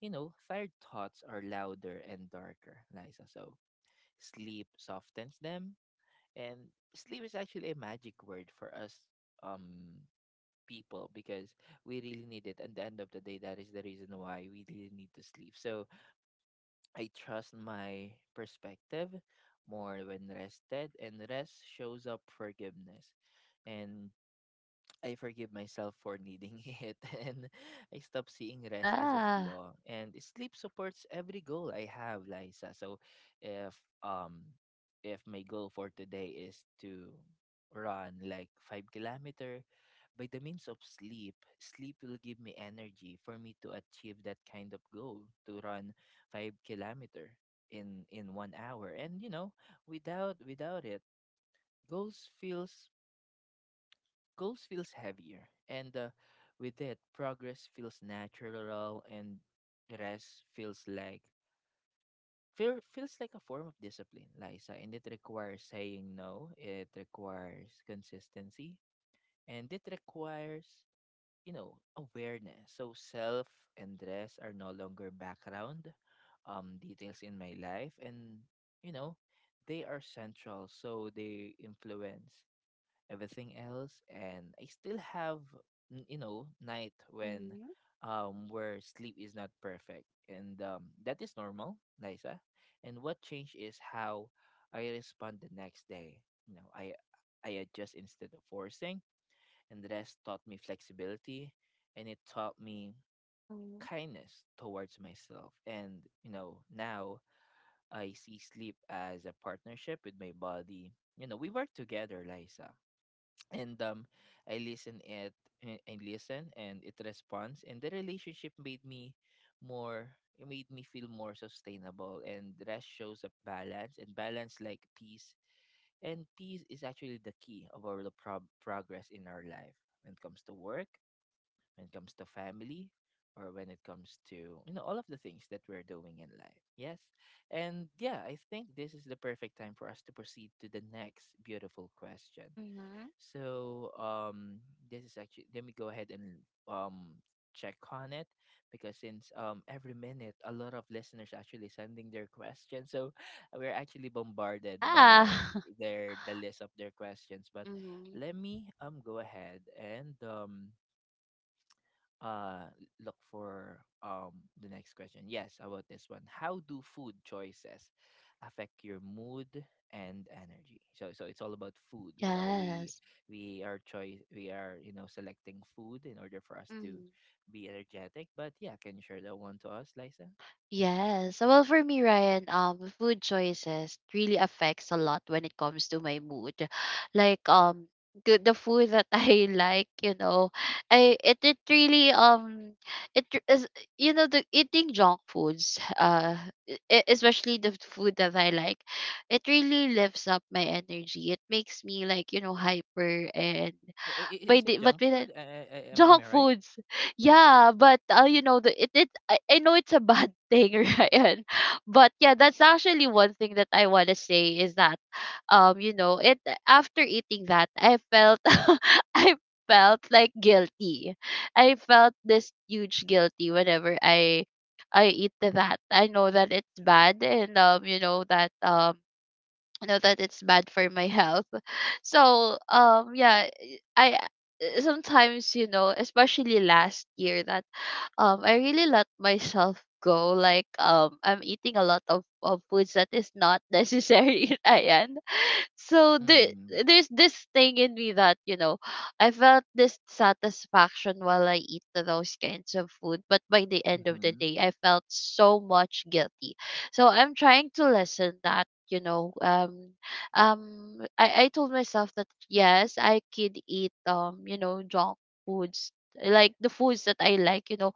[SPEAKER 1] you know, tired thoughts are louder and darker, Liza. So sleep softens them, and sleep is actually a magic word for us um people, because we really need it. At the end of the day, that is the reason why we really need to sleep. So I trust my perspective more when rested, and rest shows up forgiveness. And I forgive myself for needing [laughs] it, and I stop seeing rest as a
[SPEAKER 2] Yeah.
[SPEAKER 1] flaw. And sleep supports every goal I have, Liza. So, if um, if my goal for today is to run like 5 kilometer, by the means of sleep, sleep will give me energy for me to achieve that kind of goal to run 5 kilometer in 1 hour. And you know, without it, goals feels goals feels heavier, and with it progress feels natural, and rest feels like feels like a form of discipline, Liza. And it requires saying no, it requires consistency, and it requires, you know, awareness. So self and rest are no longer background details in my life, and, you know, they are central, so they influence everything else. And I still have you know, night when
[SPEAKER 2] Mhm.
[SPEAKER 1] where sleep is not perfect, and that is normal, Liza. And what changed is how I respond the next day. You know, I adjust instead of forcing, and the rest taught me flexibility, and it taught me
[SPEAKER 2] Mhm.
[SPEAKER 1] kindness towards myself. And you know, now I see sleep as a partnership with my body. You know, we work together, Liza. And I listen it, and listen, and it responds, and the relationship made me more, it made me feel more sustainable. And rest shows up balance, and balance like peace, and peace is actually the key of our progress in our life, when it comes to work, when it comes to family, or when it comes to, you know, all of the things that we're doing in life. Yes. And yeah, I think this is the perfect time for us to proceed to the next beautiful question.
[SPEAKER 2] Mhm.
[SPEAKER 1] So this is actually, let me go ahead and um check on it, because since every minute a lot of listeners actually sending their questions, so [laughs] we're actually bombarded
[SPEAKER 2] Yeah.
[SPEAKER 1] by
[SPEAKER 2] [laughs]
[SPEAKER 1] the list of their questions. But
[SPEAKER 2] Mhm.
[SPEAKER 1] let me go ahead and uh look for the next question. Yes, how about this one. How do food choices affect your mood and energy? So so it's all about food. You know, we
[SPEAKER 2] Yes.
[SPEAKER 1] we are choice we are, you know, selecting food in order for us to
[SPEAKER 2] Mhm.
[SPEAKER 1] be energetic. But yeah, can you share that one to us, Liza?
[SPEAKER 2] Yes. Well, for me, Ryan, food choices really affects a lot when it comes to my mood. Like, the food that [laughs] I like, you know, I it it really it r- is you know the eating junk foods, especially the food that I like, it really lifts up my energy. It makes me like, you know, hyper, and
[SPEAKER 1] Oh,
[SPEAKER 2] by
[SPEAKER 1] is it
[SPEAKER 2] the but
[SPEAKER 1] junk
[SPEAKER 2] by
[SPEAKER 1] food? Am I
[SPEAKER 2] junk
[SPEAKER 1] right?
[SPEAKER 2] foods. Yeah, but, you know, the, it I know it's a bad [laughs] thing, Ryan. But yeah, that's actually one thing that I want to say is that, you know, it after eating that, I felt [laughs] I felt like guilty. I felt this huge guilty whenever I eat that. I know that it's bad, and, you know that it's bad for my health [laughs] so yeah. i I- Sometimes, you know, especially last year that, I really let myself go. Like, I'm eating a lot of foods that is not necessary, [laughs] ayan so
[SPEAKER 1] Mm-hmm.
[SPEAKER 2] there's this thing in me that, you know, I felt this satisfaction while I eat those kinds of food, but by the end of the
[SPEAKER 1] Mm-hmm.
[SPEAKER 2] day I felt so much guilty. So I'm trying to lessen that, you know. I told myself that yes, I could eat, junk foods, like the foods that I like, you know.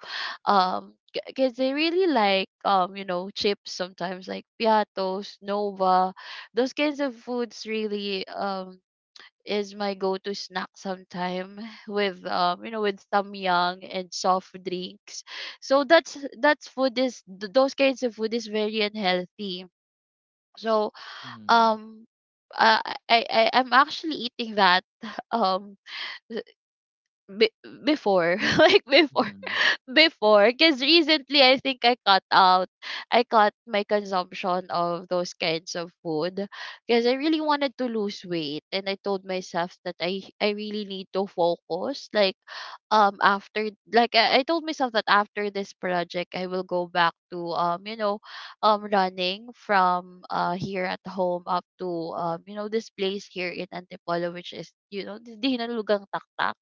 [SPEAKER 2] um because I really like, chips sometimes, like Piatos, Nova, those kinds of foods really is my go-to snack sometime [laughs] with, with Samyang and soft drinks. So that's food is th- those kinds of food is very unhealthy. So um uh, I, I'm actually eating that [laughs] um b- before, [laughs] like
[SPEAKER 1] Mm-hmm.
[SPEAKER 2] before. Because recently I think I cut my consumption of those kinds of food, because I really wanted to lose weight, and I told myself that I really need to focus. Like, I told myself that after this project I will go back to, running from, here at home up to, this place here in Antipolo, which is, you know, the Hinanlugang Taktak,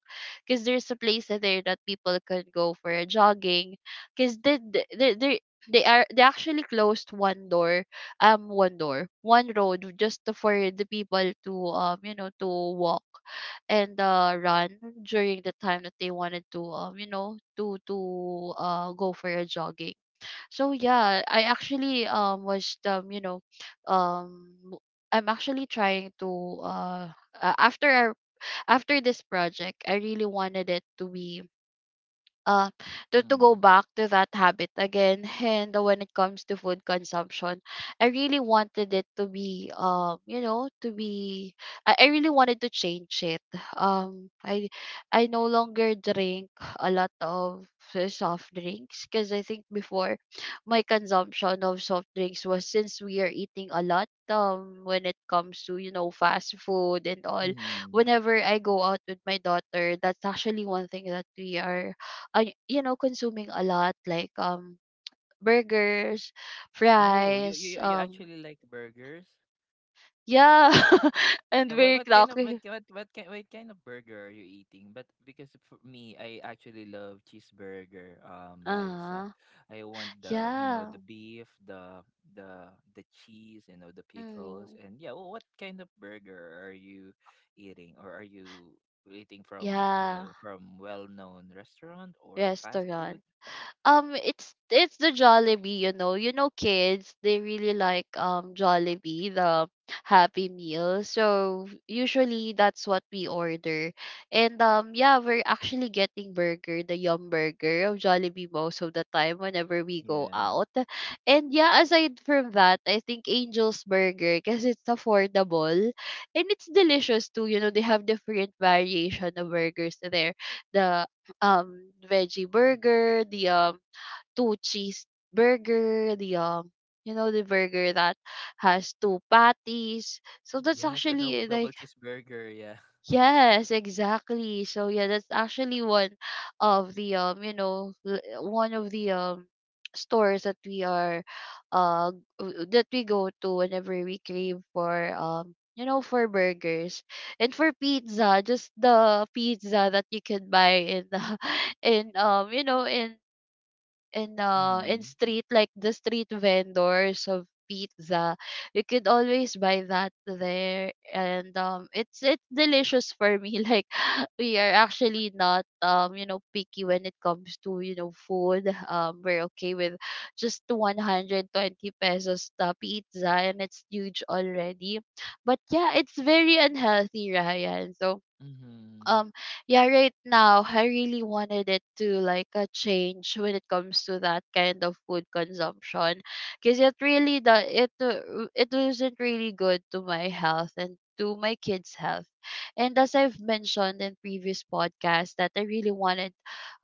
[SPEAKER 2] because there's a place there that people can go for a jogging. Because they actually closed one door, one road just for the people to, walk and, run during the time that they wanted to, go for a jogging. So yeah, I actually was you know w- I'm actually trying to after I after this project, I really wanted it to be, uh to go
[SPEAKER 1] Mm-hmm.
[SPEAKER 2] back to that habit again. [laughs] And when it comes to food consumption, I really wanted it to be, I really wanted to change it. um i I no longer drink a lot of, soft drinks, because I think before my consumption of soft drinks was, since we are eating a lot, when it comes to, you know, fast food and all.
[SPEAKER 1] Mm-hmm.
[SPEAKER 2] Whenever I go out with my daughter, that's actually one thing that we are, I you know, consuming a lot, like, burgers,
[SPEAKER 1] Oh, you
[SPEAKER 2] fries,
[SPEAKER 1] you
[SPEAKER 2] um,
[SPEAKER 1] actually like burgers?
[SPEAKER 2] yeah, [laughs] and
[SPEAKER 1] Yeah, what
[SPEAKER 2] very clocky.
[SPEAKER 1] what kind of burger are you eating? But because for me, I actually love cheeseburger.
[SPEAKER 2] Uh
[SPEAKER 1] Liza,
[SPEAKER 2] huh.
[SPEAKER 1] I want the, you know,
[SPEAKER 2] Yeah.
[SPEAKER 1] the beef, the the cheese, you know, the pickles,
[SPEAKER 2] Mm.
[SPEAKER 1] and yeah. Well, what kind of burger are you eating, or are you eating from, you
[SPEAKER 2] Yeah.
[SPEAKER 1] know, from well-known restaurant or fast
[SPEAKER 2] Restaurant.
[SPEAKER 1] food?
[SPEAKER 2] It's the Jollibee, you know. You know, kids, they really like Jollibee, the Happy Meal. So usually that's what we order, and, um, yeah, we're actually getting burger, the Yum Burger of Jollibee most of the time whenever we go
[SPEAKER 1] Yeah.
[SPEAKER 2] out, and yeah, aside from that, I think Angel's Burger, because it's affordable, and it's delicious too. You know, they have different variation of burgers there, the veggie burger, the two cheese burger, the, you know, the burger that has two patties. So that's
[SPEAKER 1] Yes, the
[SPEAKER 2] actually,
[SPEAKER 1] double
[SPEAKER 2] eh,
[SPEAKER 1] double
[SPEAKER 2] like,
[SPEAKER 1] cheeseburger. Yeah.
[SPEAKER 2] yes, exactly. So yeah, that's actually one of the, one of the stores that we are that we go to whenever we crave for, for burgers and for pizza, just the pizza that you can buy in the [laughs] in you know
[SPEAKER 1] [laughs]
[SPEAKER 2] in
[SPEAKER 1] Mm-hmm.
[SPEAKER 2] street, like the street vendors of pizza. You could always buy that there, and, um, it's delicious for me, [laughs] like, we are actually not, picky when it comes to, you know, food. Um, we're okay with just 120 pesos the pizza, and it's huge already. But yeah, it's very unhealthy, Ryan. So,
[SPEAKER 1] Mm-hmm.
[SPEAKER 2] um, yeah, right now I really wanted it to like a change when it comes to that kind of food consumption, because it really the it it wasn't really good to my health and to my kid's health. And as I've mentioned in previous podcasts, that i really wanted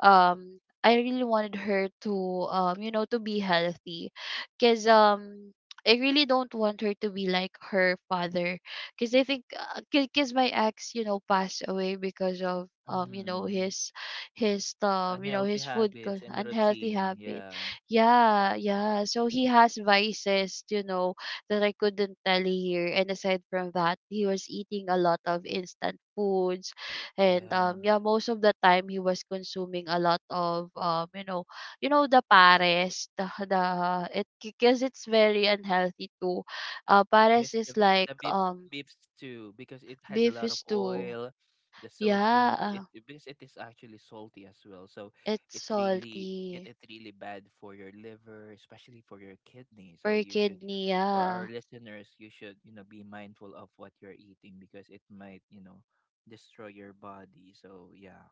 [SPEAKER 2] um I really wanted her to, to be healthy, because, um, I really don't want her to be like her father. Because I think, because my ex, you know, passed away because of,
[SPEAKER 1] Mm-hmm.
[SPEAKER 2] his,
[SPEAKER 1] Unhealthy
[SPEAKER 2] his food
[SPEAKER 1] habits and
[SPEAKER 2] unhealthy
[SPEAKER 1] routine.
[SPEAKER 2] habit.
[SPEAKER 1] Yeah.
[SPEAKER 2] Yeah, yeah. So he has vices, you know, that I couldn't tell here. And aside from that, he was eating a lot of instant foods, and,
[SPEAKER 1] Yeah.
[SPEAKER 2] yeah, most of the time he was consuming a lot of, you know, the pares, the it because it's very unhealthy too. Pares
[SPEAKER 1] Yes,
[SPEAKER 2] is
[SPEAKER 1] the
[SPEAKER 2] like um,
[SPEAKER 1] beefs too, because it has a lot
[SPEAKER 2] beef
[SPEAKER 1] of
[SPEAKER 2] is too.
[SPEAKER 1] oil, the sodium, it
[SPEAKER 2] Yeah,
[SPEAKER 1] because it is actually salty as well. So
[SPEAKER 2] it's
[SPEAKER 1] it really it,
[SPEAKER 2] salty.
[SPEAKER 1] it really bad for your liver, especially for your kidney. So
[SPEAKER 2] Per
[SPEAKER 1] you should,
[SPEAKER 2] kidney,
[SPEAKER 1] for our
[SPEAKER 2] yeah.
[SPEAKER 1] listeners, you should, you know, be mindful of what you're eating, because it might, you know, destroy your body. So yeah.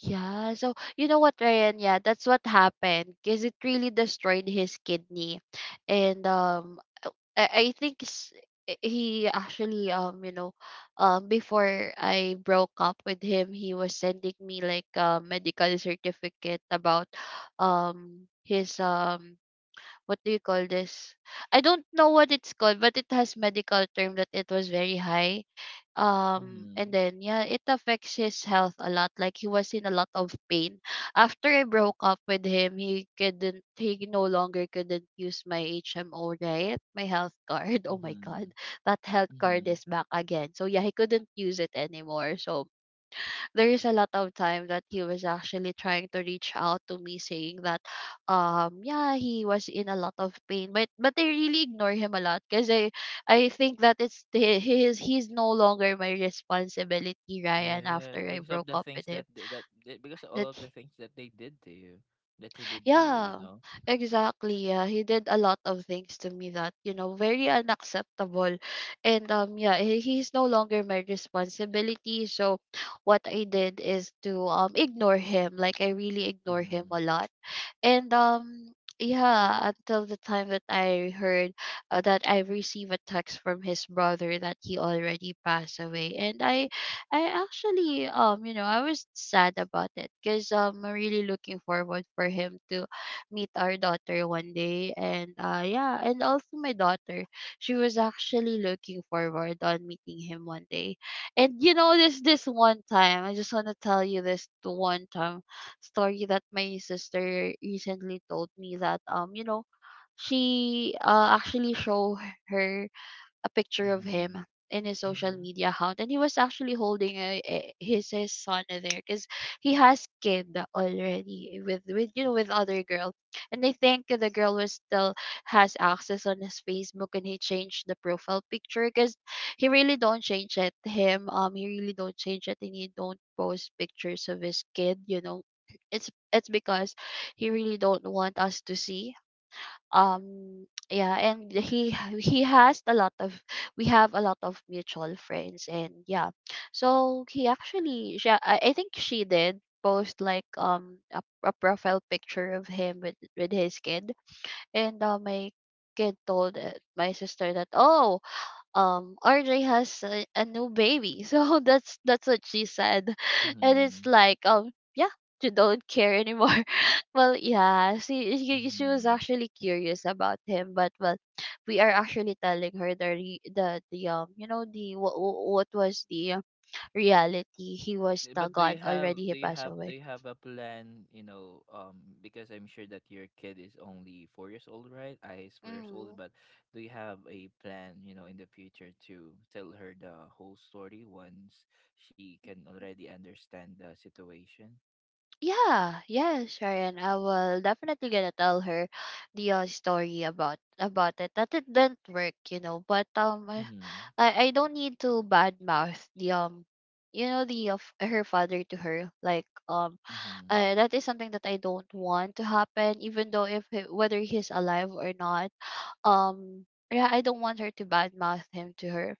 [SPEAKER 2] Yeah, so you know what, Ryan? Yeah, that's what happened because it really destroyed his kidney. And, I think s- I- he actually, you know, before I broke up with him, he was sending me like a medical certificate about, his what do you call this? I don't know what it's called, but it has medical term that it was very high.
[SPEAKER 1] Mhm.
[SPEAKER 2] And then yeah, it affects his health a lot. Like, he was in a lot of pain. After I broke up with him, He no longer couldn't use my HMO, right? My health card. [laughs] Oh my god,
[SPEAKER 1] Mhm.
[SPEAKER 2] that health card
[SPEAKER 1] Mhm.
[SPEAKER 2] is back again. So yeah, he couldn't use it anymore. So there is a lot of time that he was actually trying to reach out to me saying that yeah, he was in a lot of pain, but they really ignore him a lot because I think that he is, he's no longer my responsibility, Ryan, after
[SPEAKER 1] Yes,
[SPEAKER 2] I
[SPEAKER 1] because of
[SPEAKER 2] broke
[SPEAKER 1] the
[SPEAKER 2] up
[SPEAKER 1] things
[SPEAKER 2] with him.
[SPEAKER 1] that that because all of the
[SPEAKER 2] That
[SPEAKER 1] things that they did to you, that he did to you, you
[SPEAKER 2] Yeah,
[SPEAKER 1] know.
[SPEAKER 2] exactly. Yeah, he did a lot of things to me that, you know, very unacceptable. And yeah, he's no longer my responsibility. So what I did is to ignore him. Like I really ignore him
[SPEAKER 1] Mhm.
[SPEAKER 2] a lot. And yeah, until the time that I heard that I received a text from his brother that he already passed away. And I actually, I was sad about it because I'm really looking forward for him to meet our daughter one day. And yeah, and also my daughter, she was actually looking forward on meeting him one day. And you know, this one time, I just want to tell you this one time story that my sister recently told me. That you know She actually show her a picture of him
[SPEAKER 1] Mhm.
[SPEAKER 2] in his social
[SPEAKER 1] Mhm.
[SPEAKER 2] media account, and he was actually holding his son there, because he has kid already with you know, with other girl. And I think the girl was still has access on his Facebook, and he changed the profile picture. Because he really don't change it him, he really don't change it, and he don't post pictures of his kid, you know. It's because he really don't want us to see. Yeah, and he has a lot of, we have a lot of mutual friends. And yeah, so I think she did post like a profile picture of him with his kid. And my kid told my sister that, oh, RJ has a new baby. [laughs] So that's what she said. [laughs] And
[SPEAKER 1] Mhm.
[SPEAKER 2] it's like, yeah, you don't care anymore. [laughs] Well, yeah, she was
[SPEAKER 1] Mhm.
[SPEAKER 2] actually curious about him, but well, we are actually telling her the what was the reality. He was the
[SPEAKER 1] But do you
[SPEAKER 2] gone
[SPEAKER 1] have
[SPEAKER 2] already.
[SPEAKER 1] do
[SPEAKER 2] He
[SPEAKER 1] you
[SPEAKER 2] passed
[SPEAKER 1] have do
[SPEAKER 2] away.
[SPEAKER 1] you have a plan, you know, because I'm sure that your kid is only 4 years old, right? I is 4 years old,
[SPEAKER 2] Mm.
[SPEAKER 1] but do you have a plan, you know, in the future to tell her the whole story once she can already understand the situation?
[SPEAKER 2] Yeah, yeah, Sharon. I will definitely gonna tell her the story about it, that it didn't work, you know. But I
[SPEAKER 1] Mhm.
[SPEAKER 2] I I don't need to badmouth the you know, the of her father to her. Like,
[SPEAKER 1] Mm-hmm.
[SPEAKER 2] that is something that I don't want to happen, even though if he, whether he's alive or not. um yeah, I don't want her to badmouth him to her.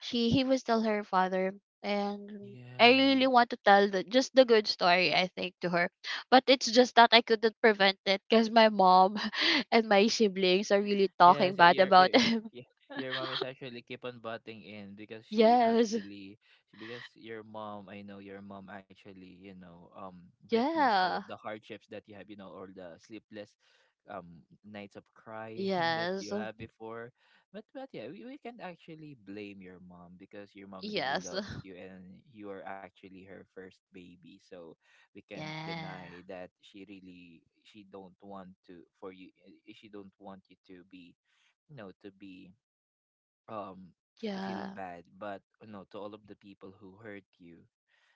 [SPEAKER 2] She He was still her father, and I really
[SPEAKER 1] Yes.
[SPEAKER 2] want to tell the just the good story, I think, to her. But it's just that I couldn't prevent it, because my mom [laughs] and my siblings are really talking
[SPEAKER 1] Yes,
[SPEAKER 2] bad about him.
[SPEAKER 1] yeah, your mom is actually keep on butting in because
[SPEAKER 2] [laughs]
[SPEAKER 1] she
[SPEAKER 2] Yes.
[SPEAKER 1] actually because your mom, I know your mom actually, you know, witness all of
[SPEAKER 2] Yeah.
[SPEAKER 1] the hardships that you have, you know, or the sleepless nights of crying [laughs] that
[SPEAKER 2] Yes.
[SPEAKER 1] you have before. But yeah, we can't actually blame your mom because your mom really
[SPEAKER 2] Yes. [sighs]
[SPEAKER 1] loves you and you are actually her first baby. So we
[SPEAKER 2] [laughs]
[SPEAKER 1] can
[SPEAKER 2] Yeah.
[SPEAKER 1] deny that she really she don't want to for you, eh, she don't want you to be, you know, to be um to feel
[SPEAKER 2] Yeah,
[SPEAKER 1] bad, but you know, to all of the people who hurt you,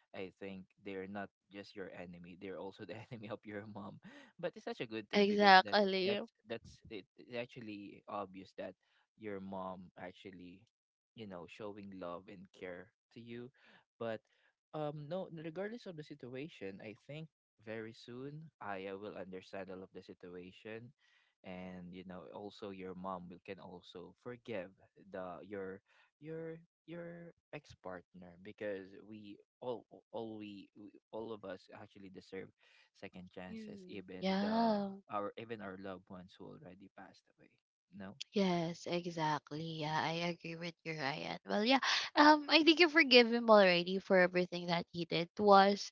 [SPEAKER 1] I think they're not just your enemy, they're also the [laughs] enemy of your mom. But it's such a good thing because
[SPEAKER 2] exactly.
[SPEAKER 1] that's it, it's actually obvious that your mom actually, you know, showing love and care to you. But no, regardless of the situation, I think very soon I will understand all of the situation. And you know, also your mom will can also forgive the your your your ex-partner, because we all of us actually deserve second chances,
[SPEAKER 2] Mm,
[SPEAKER 1] even the,
[SPEAKER 2] yeah.
[SPEAKER 1] our, even our loved ones who already passed away, no.
[SPEAKER 2] Yes, exactly. Yeah, I agree with you, Ryan. Well, yeah, I think you forgive him already for everything that he did to us.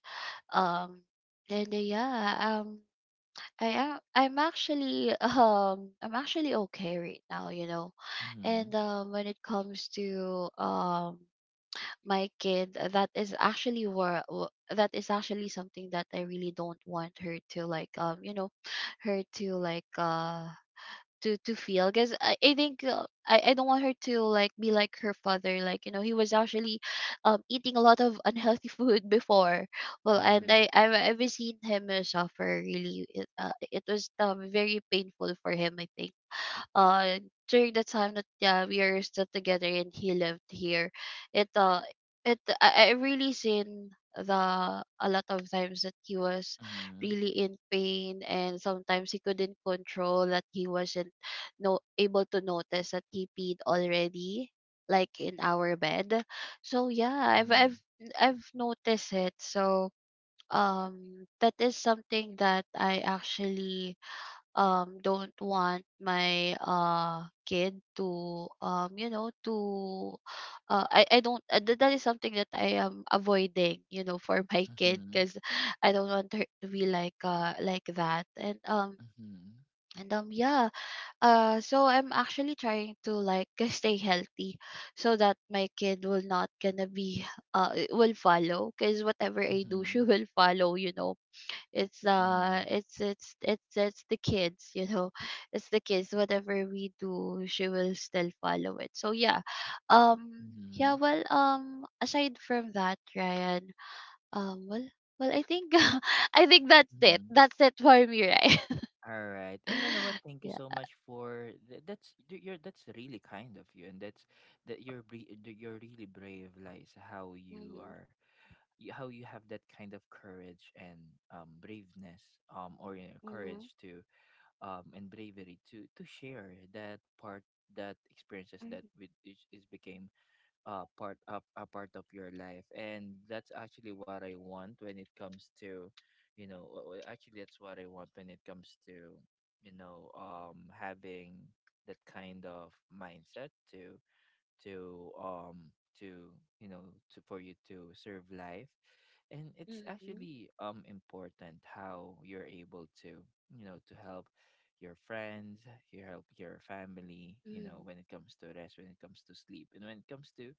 [SPEAKER 2] Um, and yeah, I am. I'm actually, [laughs] I'm actually okay right now, you know.
[SPEAKER 1] Mhm.
[SPEAKER 2] And when it comes to my kid, that is actually that is actually something that I really don't want her to like, you know, her to like to feel. Because I think, I don't want her to like be like her father. Like, you know, he was actually eating a lot of [laughs] unhealthy food before. Well, and
[SPEAKER 1] Mhm.
[SPEAKER 2] I've seen him suffer really. It was, very painful for him, I think, uh during the time that yeah, we are still together and he lived here. it uh I really seen the a lot of times that he was
[SPEAKER 1] Mhm.
[SPEAKER 2] really in pain. And sometimes he couldn't control, that he wasn't no able to notice that he peed already, like in our bed. So yeah, I've noticed it. So that is something that I actually don't want my kid to, you know, to I don't that is something that I am avoiding, you know, for [laughs] my kid.
[SPEAKER 1] Mhm.
[SPEAKER 2] Because I don't want her to be like that. And
[SPEAKER 1] Mhm.
[SPEAKER 2] yeah, so I'm actually trying to like [laughs] stay healthy so that my kid will not gonna be, will follow. Because whatever I
[SPEAKER 1] Mhm.
[SPEAKER 2] do, [laughs] she
[SPEAKER 1] Mhm.
[SPEAKER 2] will follow, you know. It's
[SPEAKER 1] Mhm.
[SPEAKER 2] the kids, you know. [laughs] It's the kids, whatever we do, she will still follow it. So yeah, yeah.
[SPEAKER 1] Mhm.
[SPEAKER 2] Well, aside from that, Ryan, um well I think, [laughs] I think
[SPEAKER 1] Mhm.
[SPEAKER 2] that's it for me, right?
[SPEAKER 1] All right. And you know what? Thank
[SPEAKER 2] [laughs]
[SPEAKER 1] you so
[SPEAKER 2] Yeah.
[SPEAKER 1] much for you're that's really kind of you, and that's that you're that you're really brave, like how you
[SPEAKER 2] Mm-hmm.
[SPEAKER 1] are, you, how you have that kind of courage and braveness, or you know,
[SPEAKER 2] Mm-hmm.
[SPEAKER 1] courage to and bravery to share that part, that experiences that with which is became part of a part of your life. And that's actually what I want when it comes to, you know, actually that's what I want when it comes to, you know, having that kind of mindset to to you know, to for you to serve life. And it's
[SPEAKER 2] Mm-hmm.
[SPEAKER 1] actually important how you're able to, you know, to help your friends, you help your family, you know,
[SPEAKER 2] Mm-hmm.
[SPEAKER 1] when it comes to rest, when it comes to sleep, and when it comes to,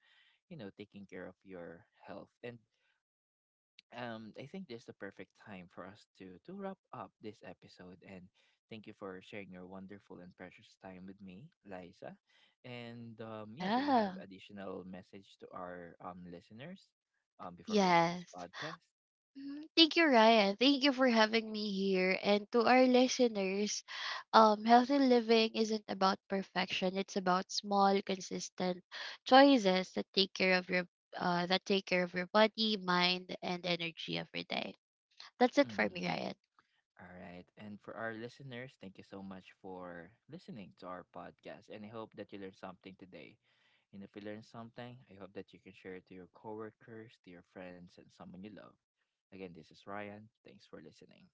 [SPEAKER 1] you know, taking care of your health. And I think this is the perfect time for us to wrap up this episode, and thank you for sharing your wonderful and precious time with me, Liza. And yeah, do you have
[SPEAKER 2] Yeah.
[SPEAKER 1] additional message to our listeners before we end this
[SPEAKER 2] Yes.
[SPEAKER 1] podcast?
[SPEAKER 2] Mhm. Thank you, Ryan. Thank you for having me here. And to our listeners, healthy living isn't about perfection. It's about small, consistent choices that take care of your that take care of your body, mind, and energy every day. That's it for me,
[SPEAKER 1] Mm.
[SPEAKER 2] Ryan.
[SPEAKER 1] All right. And for our listeners, thank you so much for listening to our podcast. And I hope that you learned something today. And if you learned something, I hope that you can share it to your coworkers, to your friends, and someone you love. Again, this is Ryan. Thanks for listening.